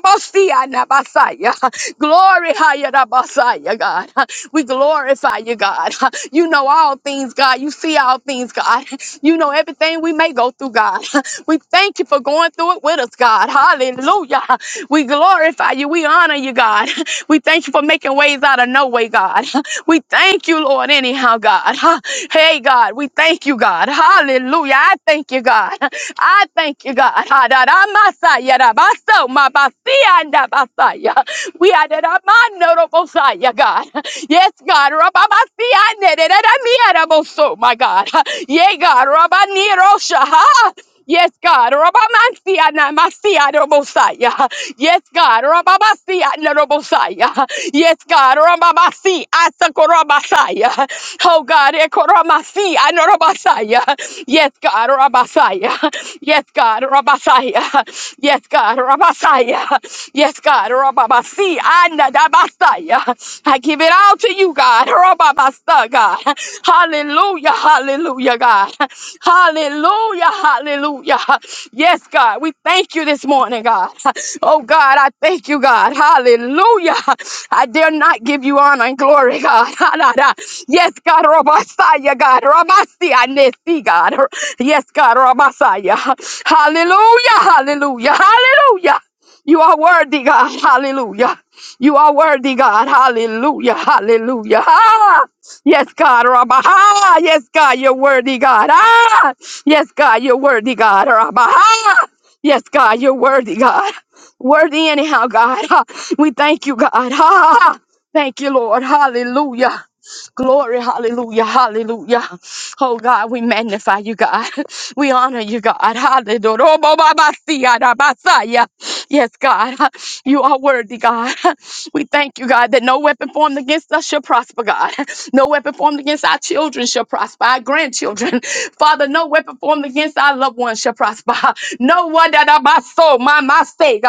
Glory, Hayarabasaya, God. We glorify you, God. You know all things, God. You see all things, God. You know everything we may go through, God. We thank you for going through it with us, God. Hallelujah. We glorify you. We honor you, God. We thank you for making ways out of no way, God. We thank you, Lord, anyhow, God. Hey, God, we thank you, God. Hallelujah. I thank you, God. I thank you, God. Ha, da, da, ma, sa, ya, da, ba, so, ma, ba, si, ya, da, ba, sa, ya. We are the Ramanorobosia, God. Yes, God. Rabamasiane, de- de- de- mi- araboso, My God. Yeah, God. Rabanirosha. Yes, God. Rabamansia na masia na Mosiah. Yes, God. Rababasia na Mosiah. Yes, God. Rababasi asakorabasaya. Oh, God. Ekoramasi anorabasaya. Yes, God. Rabasaya. Yes, God. Rabasaya. Yes, God. Rabasaya. Yes, God. Rababasi anadabasaya. I give it all to you, God. God. Rababasa, God. Hallelujah, hallelujah, God. Hallelujah, hallelujah. Yes, God, we thank you this morning, God. Oh, God, I thank you, God. Hallelujah. I dare not give you honor and glory, God. Ha-da-da. Yes, God, Rabasaya, God. Rabasia, Nesi, God. Yes, God, Rabasaya. Hallelujah, hallelujah, hallelujah. You are worthy, God. Hallelujah. You are worthy, God. Hallelujah. Hallelujah. Ah, yes, God. Rabba. Ah, yes, God. You're worthy, God. Ah, yes, God. You're worthy, God. Rabba. Ah, yes, God. You're worthy, God. Worthy anyhow, God. Ah, we thank you, God. Ah, thank you, Lord. Hallelujah. Glory, hallelujah, hallelujah. Oh God, we magnify you, God. We honor you, God. Hallelujah. Yes, God, you are worthy, God. We thank you, God, that no weapon formed against us shall prosper, God. No weapon formed against our children shall prosper, our grandchildren. Father, no weapon formed against our loved ones shall prosper. No one that I my soul, my my sake,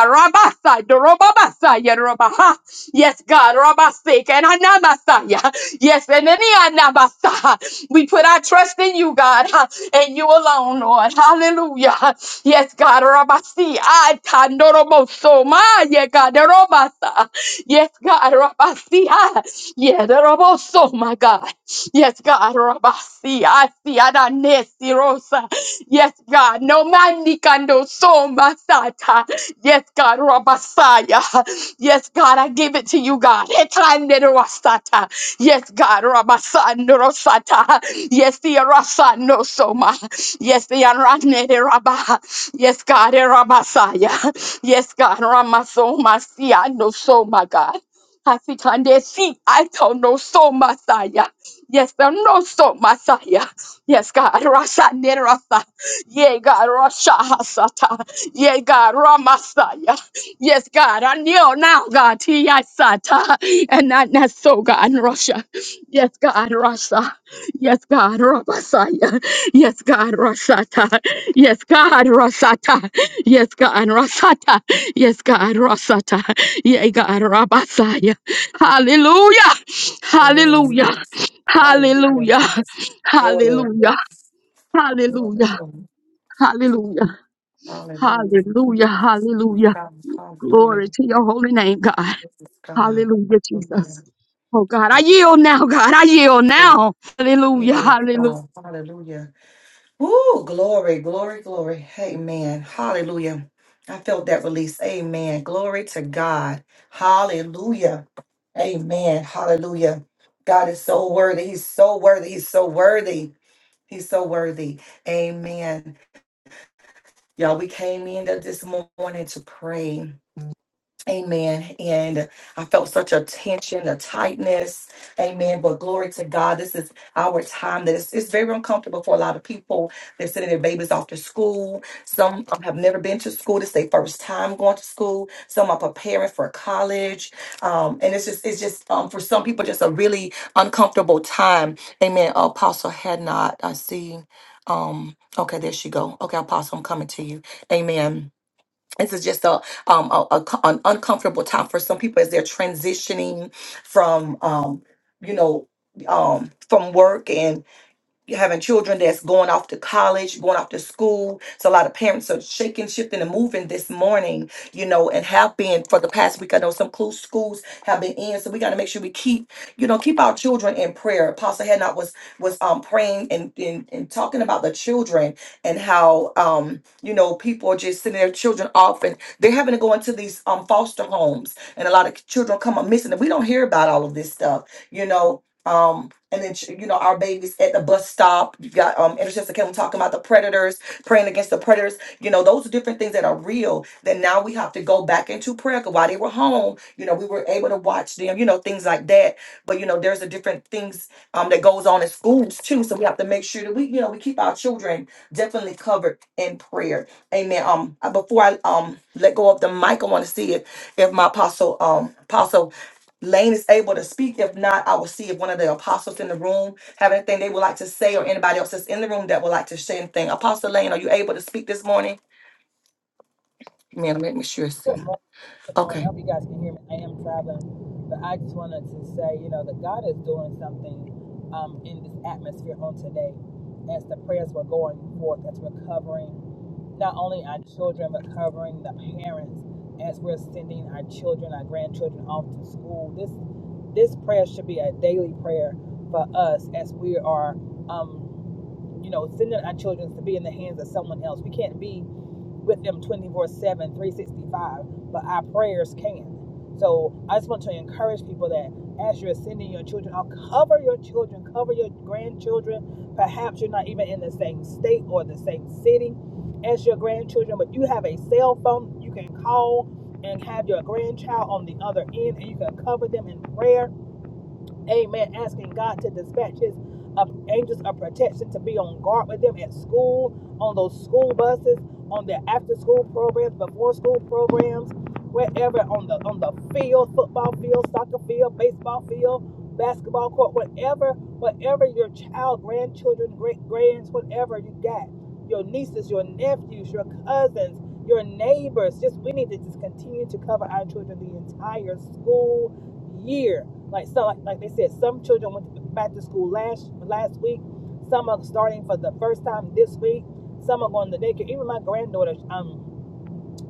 Robabasaya Robaha. Yes, God, Robasik and Anamasaya. Yes, and any Anamasa. We put our trust in you, God, huh, and you alone, Lord. Hallelujah. Yes, God, Rabasi. I Tandoroboso. My God, Robasa. Yes, God, Rabasi. ah, Yeah, the Roboso, my God. Yes, God, Rabasi. I see Ananesi Rosa. Yes, God. No man ni kando so masata. Yes, God, Rabasaya. Yes, God, I give it to you, God. Etanerosata. Yes, God, Rabasanorosata. Yes, the Arasano Soma. Yes, the Aranere Rabba. Yes, God, Rabasaya. Yes, God, Ramasoma Siano Soma, God. I think I did see. I don't know so Messiah. Yes, I know so Messiah. Yes, God, Rasha Nerasa. Yeah, God, Rasha Hasata. Yeah, God, Ramasaya. Yes, God, I kneel now, God, Tiyasata, and not not so, God, Russia. Yes, God, Russia. Yes, God, Ramasaya. Yes, God, Rasata. Yes, God, Rasata. Yes, God, Rasata. Yes, God, Rasata. Yeah, God, Ramasaya. Hallelujah.
Amen.
Hallelujah.
Hallelujah.
Hallelujah.
Glory.
Hallelujah. Hallelujah.
Hallelujah.
Hallelujah.
Hallelujah.
Hallelujah, hallelujah,
God, hallelujah.
Glory to
This
your holy name, God.
is God.
Hallelujah,
Hallelujah.
Jesus. Oh, God, I yield now, God. I yield now. Hallelujah.
Yes,
Hallelujah.
God. Hallelujah. Woo, glory, glory, glory. Amen. Hallelujah. I felt that release. Amen. Glory to God. Hallelujah. Amen. Hallelujah. God is so worthy. He's so worthy. He's so worthy. He's so worthy. Amen. Y'all, we came in th- this morning to pray. Amen. And I felt such a tension, a tightness. Amen. But glory to God. This is our time that it's, it's very uncomfortable for a lot of people. They're sending their babies off to school. Some um, have never been to school. This is their first time going to school. Some are preparing for college. Um, and it's just, it's just um, for some people, just a really uncomfortable time. Amen. Apostle had not, I see. Um, okay, there she go. Okay, Apostle, I'm coming to you. Amen this is just a, um, a, a co- an uncomfortable time for some people as they're transitioning from um, you know um, from work you're having children that's going off to college, going off to school. So a lot of parents are shaking, shifting, and moving this morning, you know, and have been for the past week. I know some close schools have been in, so we got to make sure we keep, you know, keep our children in prayer. Apostle Hadnot was was um praying and, and and talking about the children and how um you know people are just sending their children off and they're having to go into these um foster homes and a lot of children come up missing and we don't hear about all of this stuff, you know. Um, and then you know our babies at the bus stop. You got um intercessor Kim talking about the predators, praying against the predators. You know those are different things that are real. That now we have to go back into prayer. 'cause while they were home, you know we were able to watch them. You know things like that. But you know there's a different things um that goes on in schools too. So we have to make sure that we you know we keep our children definitely covered in prayer. Amen. Um, I- before I um let go of the mic, I want to see if if my apostle um apostle Lane is able to speak. If not, I will see if one of the apostles in the room have anything they would like to say or anybody else that's in the room that would like to say anything. Apostle Lane, are you able to speak this morning? Man, let me sure see.
Good morning. I
Okay.
hope you guys can hear me. I am traveling, but I just wanted to say, you know, that God is doing something um, in this atmosphere on today as the prayers were going forth, as we're covering not only our children, but covering the parents as we're sending our children, our grandchildren off to school. This this prayer should be a daily prayer for us as we are, um, you know, sending our children to be in the hands of someone else. We can't be with them twenty four seven, three sixty five, but our prayers can. So I just want to encourage people that as you're sending your children out, cover your children, cover your grandchildren. Perhaps you're not even in the same state or the same city as your grandchildren, but you have a cell phone you can call and have your grandchild on the other end and you can cover them in prayer Amen. Asking God to dispatch his uh, angels of protection to be on guard with them at school, on those school buses, on their after school programs, before school programs, wherever on the on the field, football field, soccer field, baseball field, basketball court, whatever, whatever your child, grandchildren, great grands, whatever you got, your nieces, your nephews, your cousins, your neighbors. Just we need to just continue to cover our children the entire school year like so, like, like they said, some children went back to school last last week. Some are starting for the first time this week. Some are going to daycare. Even my granddaughter, um,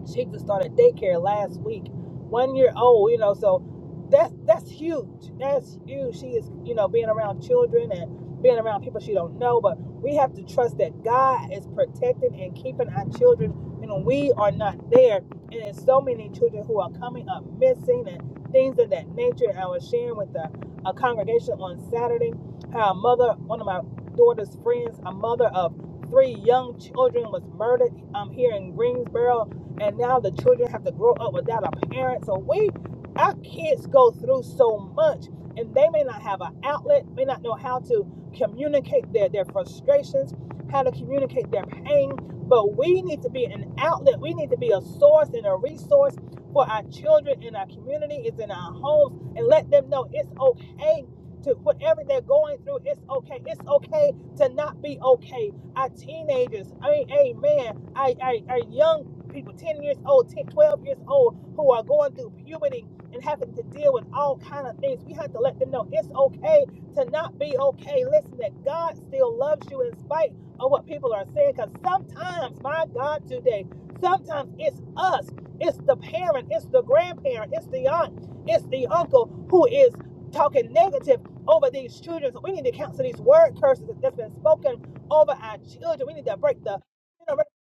she just started daycare last week, one year old. You know, so that's that's huge. That's huge. She is you know being around children and being around people she don't know. But we have to trust that God is protecting and keeping our children. You know, we are not there, and there's so many children who are coming up missing and things of that nature. I was sharing with a, a congregation on Saturday how a mother, one of my daughter's friends, a mother of three young children was murdered um, here in Greensboro and now the children have to grow up without a parent. So we, our kids go through so much, and they may not have an outlet, may not know how to communicate their their frustrations, how to communicate their pain. But we need to be an outlet. We need to be a source and a resource for our children in our community, is in our homes, and let them know it's okay to whatever they're going through. It's okay. It's okay to not be okay. Our teenagers, I mean, amen. Our, our, our young people 10 years old 10, 12 years old who are going through puberty and having to deal with all kind of things we have to let them know it's okay to not be okay listen that god still loves you in spite of what people are saying because sometimes my god today sometimes it's us it's the parent it's the grandparent it's the aunt it's the uncle who is talking negative over these children so we need to cancel these word curses that's been spoken over our children we need to break the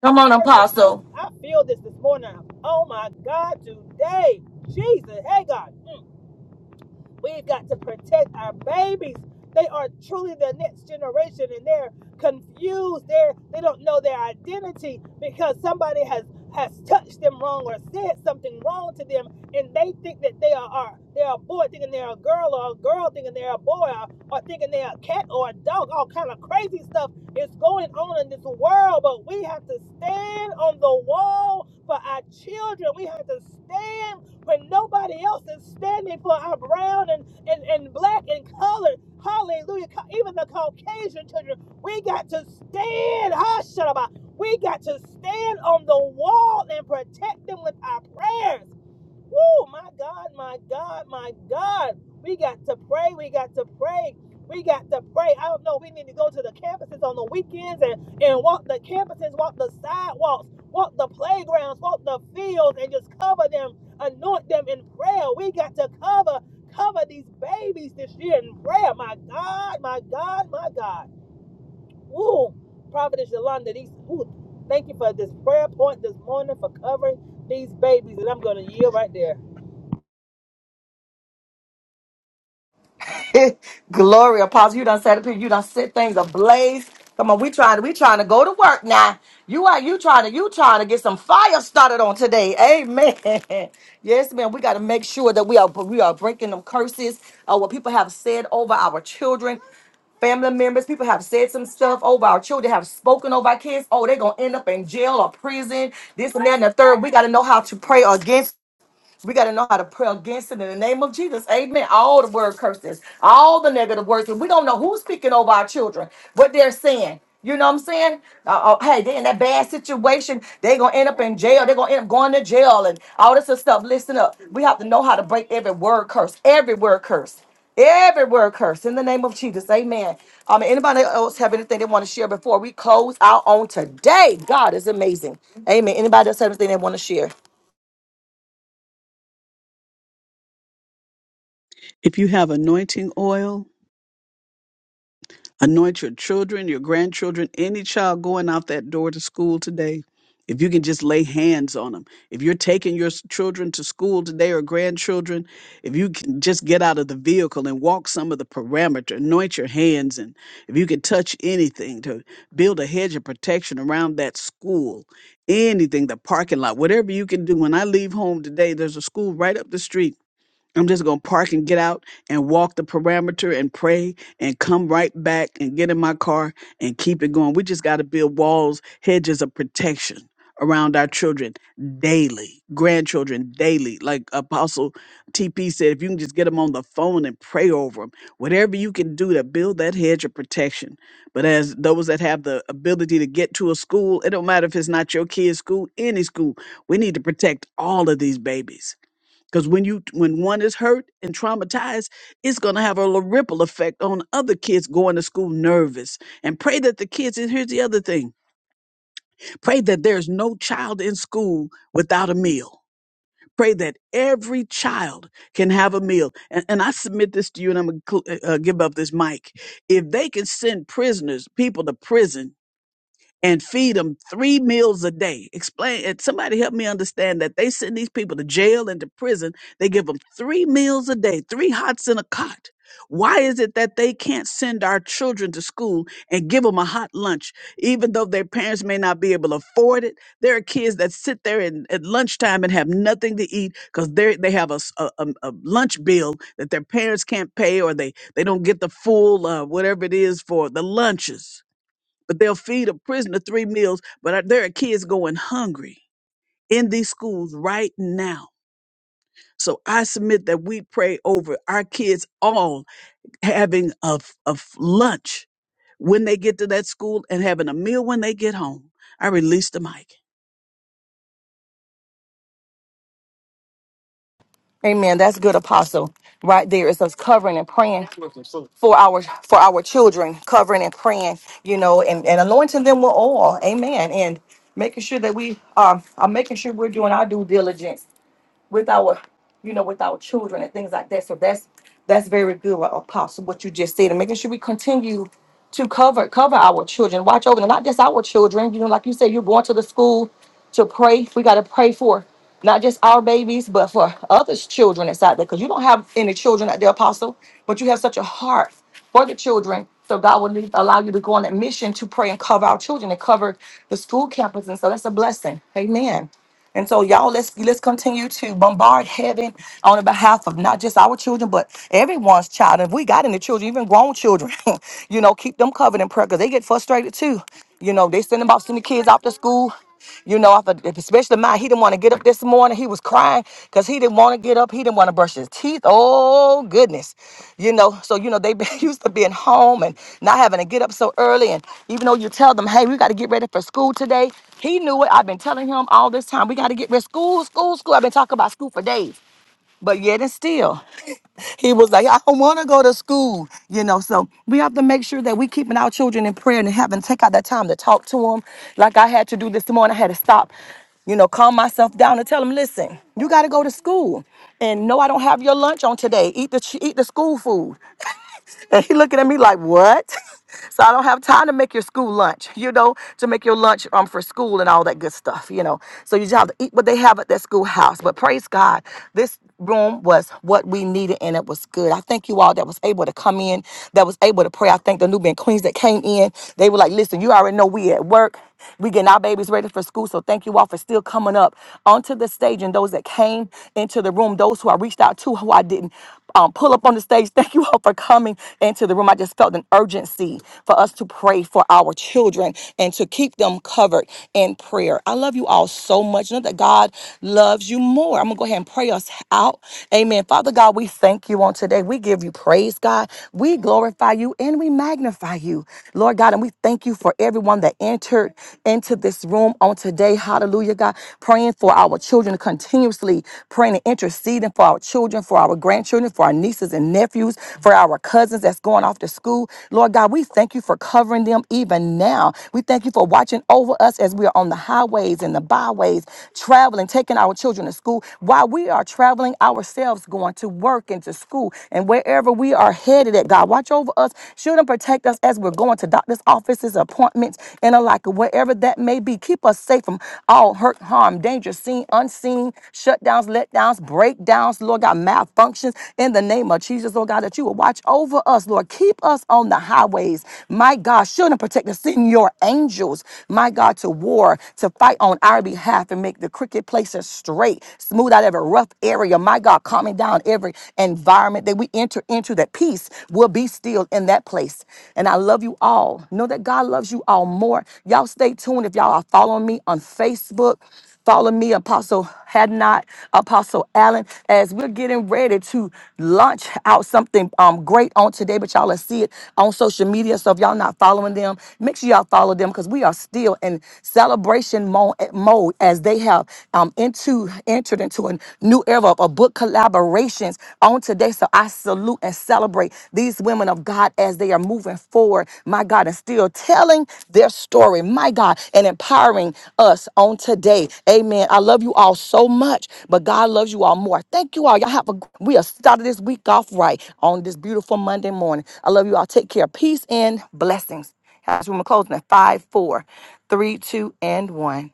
Come on,
verses.
Apostle.
I'm, I feel this this morning. Oh my God, today, Jesus, hey God. We've got to protect our babies. They are truly the next generation and they're confused. They're, they don't know their identity because somebody has, has touched them wrong or said something wrong to them and they think that they are, are they're a boy thinking they're a girl or a girl thinking they're a boy or, or thinking they're a cat or a dog. All kind of crazy stuff is going on in this world, but we have to stand on the wall for our children. We have to stand when nobody else is standing for our brown and, and, and black and colored. Hallelujah. Even the Caucasian children, we got to stand. Ah, We got to stand on the wall and protect them with our prayers. Woo, my God, my God, my God. We got to pray. We got to pray. We got to pray. I don't know. We need to go to the campuses on the weekends and, and walk the campuses, walk the sidewalks, walk the playgrounds, walk the fields, and just cover them, anoint them in prayer. We got to cover, cover these babies this year in prayer. My God, my God, my God. Woo, Prophetess Yolanda, these, ooh, thank you for this prayer point this morning for covering these babies. And I'm going to yield right there.
Glory, Apostle. You done set up here. You done set things ablaze. Come on, we trying to we trying to go to work now. You are you trying to you trying to get some fire started on today. Amen. yes, man. We got to make sure that we are we are breaking them curses. Uh, what people have said over our children family members, people have said some stuff over our children, have spoken over our kids. Oh, they're gonna end up in jail or prison, this and that, and the third. We gotta know how to pray against. We got to know how to pray against it in the name of Jesus. Amen. All the word curses, all the negative words. and We don't know who's speaking over our children, what they're saying. You know what I'm saying? Uh, uh, hey, they are in that bad situation. They're going to end up in jail. They're going to end up going to jail and all this other stuff. Listen up. We have to know how to break every word curse, every word curse, every word curse in the name of Jesus. Amen. Um, anybody else have anything they want to share before we close out on today? God is amazing. Amen. Anybody else have anything they want to share?
If you have anointing oil, Anoint your children, your grandchildren, any child going out that door to school today. If you can just lay hands on them, if you're taking your s- children to school today or grandchildren, if you can just get out of the vehicle and walk some of the parameter, anoint your hands, and if you can touch anything to build a hedge of protection around that school, anything, the parking lot, whatever you can do. When I leave home today, there's a school right up the street I'm just going to park and get out and walk the parameter and pray and come right back and get in my car and keep it going. We just got to build walls, hedges of protection around our children daily, grandchildren daily. Like Apostle TP said, if you can just get them on the phone and pray over them, whatever you can do to build that hedge of protection. But as those that have the ability to get to a school, it don't matter if it's not your kid's school, any school, we need to protect all of these babies because when you when one is hurt and traumatized, it's gonna have a little ripple effect on other kids going to school nervous. And pray that the kids, and here's the other thing, pray that there's no child in school without a meal. Pray that every child can have a meal. And, and I submit this to you, and I'm going to uh, give up this mic. If they can send prisoners, people to prison, and feed them three meals a day. Explain it. Somebody help me understand that they send these people to jail and to prison. They give them three meals a day, three hots and a cot. Why is it that they can't send our children to school and give them a hot lunch, even though their parents may not be able to afford it? There are kids that sit there and, at lunchtime and have nothing to eat because they they have a, s- a- a- a lunch bill that their parents can't pay, or they they don't get the full uh, whatever it is for the lunches but they'll feed a prisoner three meals, but I- there are kids going hungry in these schools right now. So I submit that we pray over our kids all having a, f- a f- lunch when they get to that school and having a meal when they get home. I release the mic.
Amen. That's good, Apostle. Right there is us covering and praying for our for our children, covering and praying, you know, and, and anointing them with oil. Amen. And making sure that we um, are making sure we're doing our due diligence with our you know with our children and things like that so that's that's very good uh, apostle what you just said and making sure we continue to cover cover our children watch over them not just our children you know like you said you're going to the school to pray we got to pray for not just our babies but for others children that's out there because you don't have any children out there apostle but you have such a heart for the children so god will leave, allow you to go on that mission to pray and cover our children and cover the school campus and so that's a blessing amen and so, y'all, let's let's continue to bombard heaven on the behalf of not just our children, but everyone's child. And if we got any children, even grown children, you know, keep them covered in prayer because they get frustrated too. You know, they send them off, send the kids off to school. You know, after, especially mine, he didn't want to get up this morning. He was was crying because he didn't want to get up. He didn't want to brush his teeth. Oh goodness, you know. So you know they been used to being home and not having to get up so early. And even though you tell them, hey, we got to get ready for school today, he knew it. I've been telling him all this time. We got to get ready. School, school, school. I've been talking about school for days. But yet and still he was like, I don't want to go to school, you know. So we have to make sure that we keeping our children in prayer and having take out that time to talk to them. Like I had to do this morning, I had to stop, you know, calm myself down and tell them, listen, you got to go to school, and no, I don't have your lunch on today. Eat the ch- eat the school food. And he looking at me like, what? so I don't have time to make your school lunch, you know, to make your lunch um for school and all that good stuff, you know. So you just have to eat what they have at that schoolhouse. But praise God, this room was what we needed and it was good. I thank you all that was able to come in, that was able to pray. I thank the Nubian Queens that came in. They were like, listen, you already know we at work. We getting our babies ready for school. So thank you all for still coming up onto the stage and those that came into the room, those who I reached out to, who I didn't um, pull up on the stage. Thank you all for coming into the room. I just felt an urgency for us to pray for our children and to keep them covered in prayer. I love you all so much. Know that God loves you more. I'm gonna go ahead and pray us out. Amen. Father God, we thank you on today. We give you praise, God. We glorify you and we magnify you. Lord God, and we thank you for everyone that entered into this room on today. Hallelujah, God. Praying for our children continuously, praying and interceding for our children, for our grandchildren, for our nieces and nephews, for our cousins that's going off to school. Lord God, we thank you for covering them even now. We thank you for watching over us as we are on the highways and the byways, traveling, taking our children to school while we are traveling ourselves, going to work and to school and wherever we are headed dead to that. God, watch over us, shield and protect us as we're going to doctor's offices, appointments, and the like, wherever that may be. Keep us safe from all hurt, harm, danger, seen, unseen, shutdowns, letdowns, breakdowns, Lord God, malfunctions. In the name of Jesus, Lord God, that you will watch over us, Lord. Keep us on the highways, my God, shield and protect us. Send your angels, my God, to war, to fight on our behalf and make the crooked places straight, smooth out every rough area, my God, calming down around, every environment that we enter into, that peace will be still in that place. And I love you all. Know that God loves you all more. Y'all stay tuned if y'all are following me on Facebook. Follow me, Apostle Had Not, Apostle Allen, as we're getting ready to launch out something um, great on today. But y'all will see it on social media. So if y'all not following them, make sure y'all follow them because we are still in celebration mo- mode as they have um, into entered into a new era of book collaborations on today. So I salute and celebrate these women of God as they are moving forward, my God, and still telling their story, my God, and empowering us on today. Amen. I love you all so much, but God loves you all more. Thank you all. Y'all have a we have started this week off right on this beautiful Monday morning. I love you all. Take care. Peace and blessings. House room closing at five, four, three, two, and one.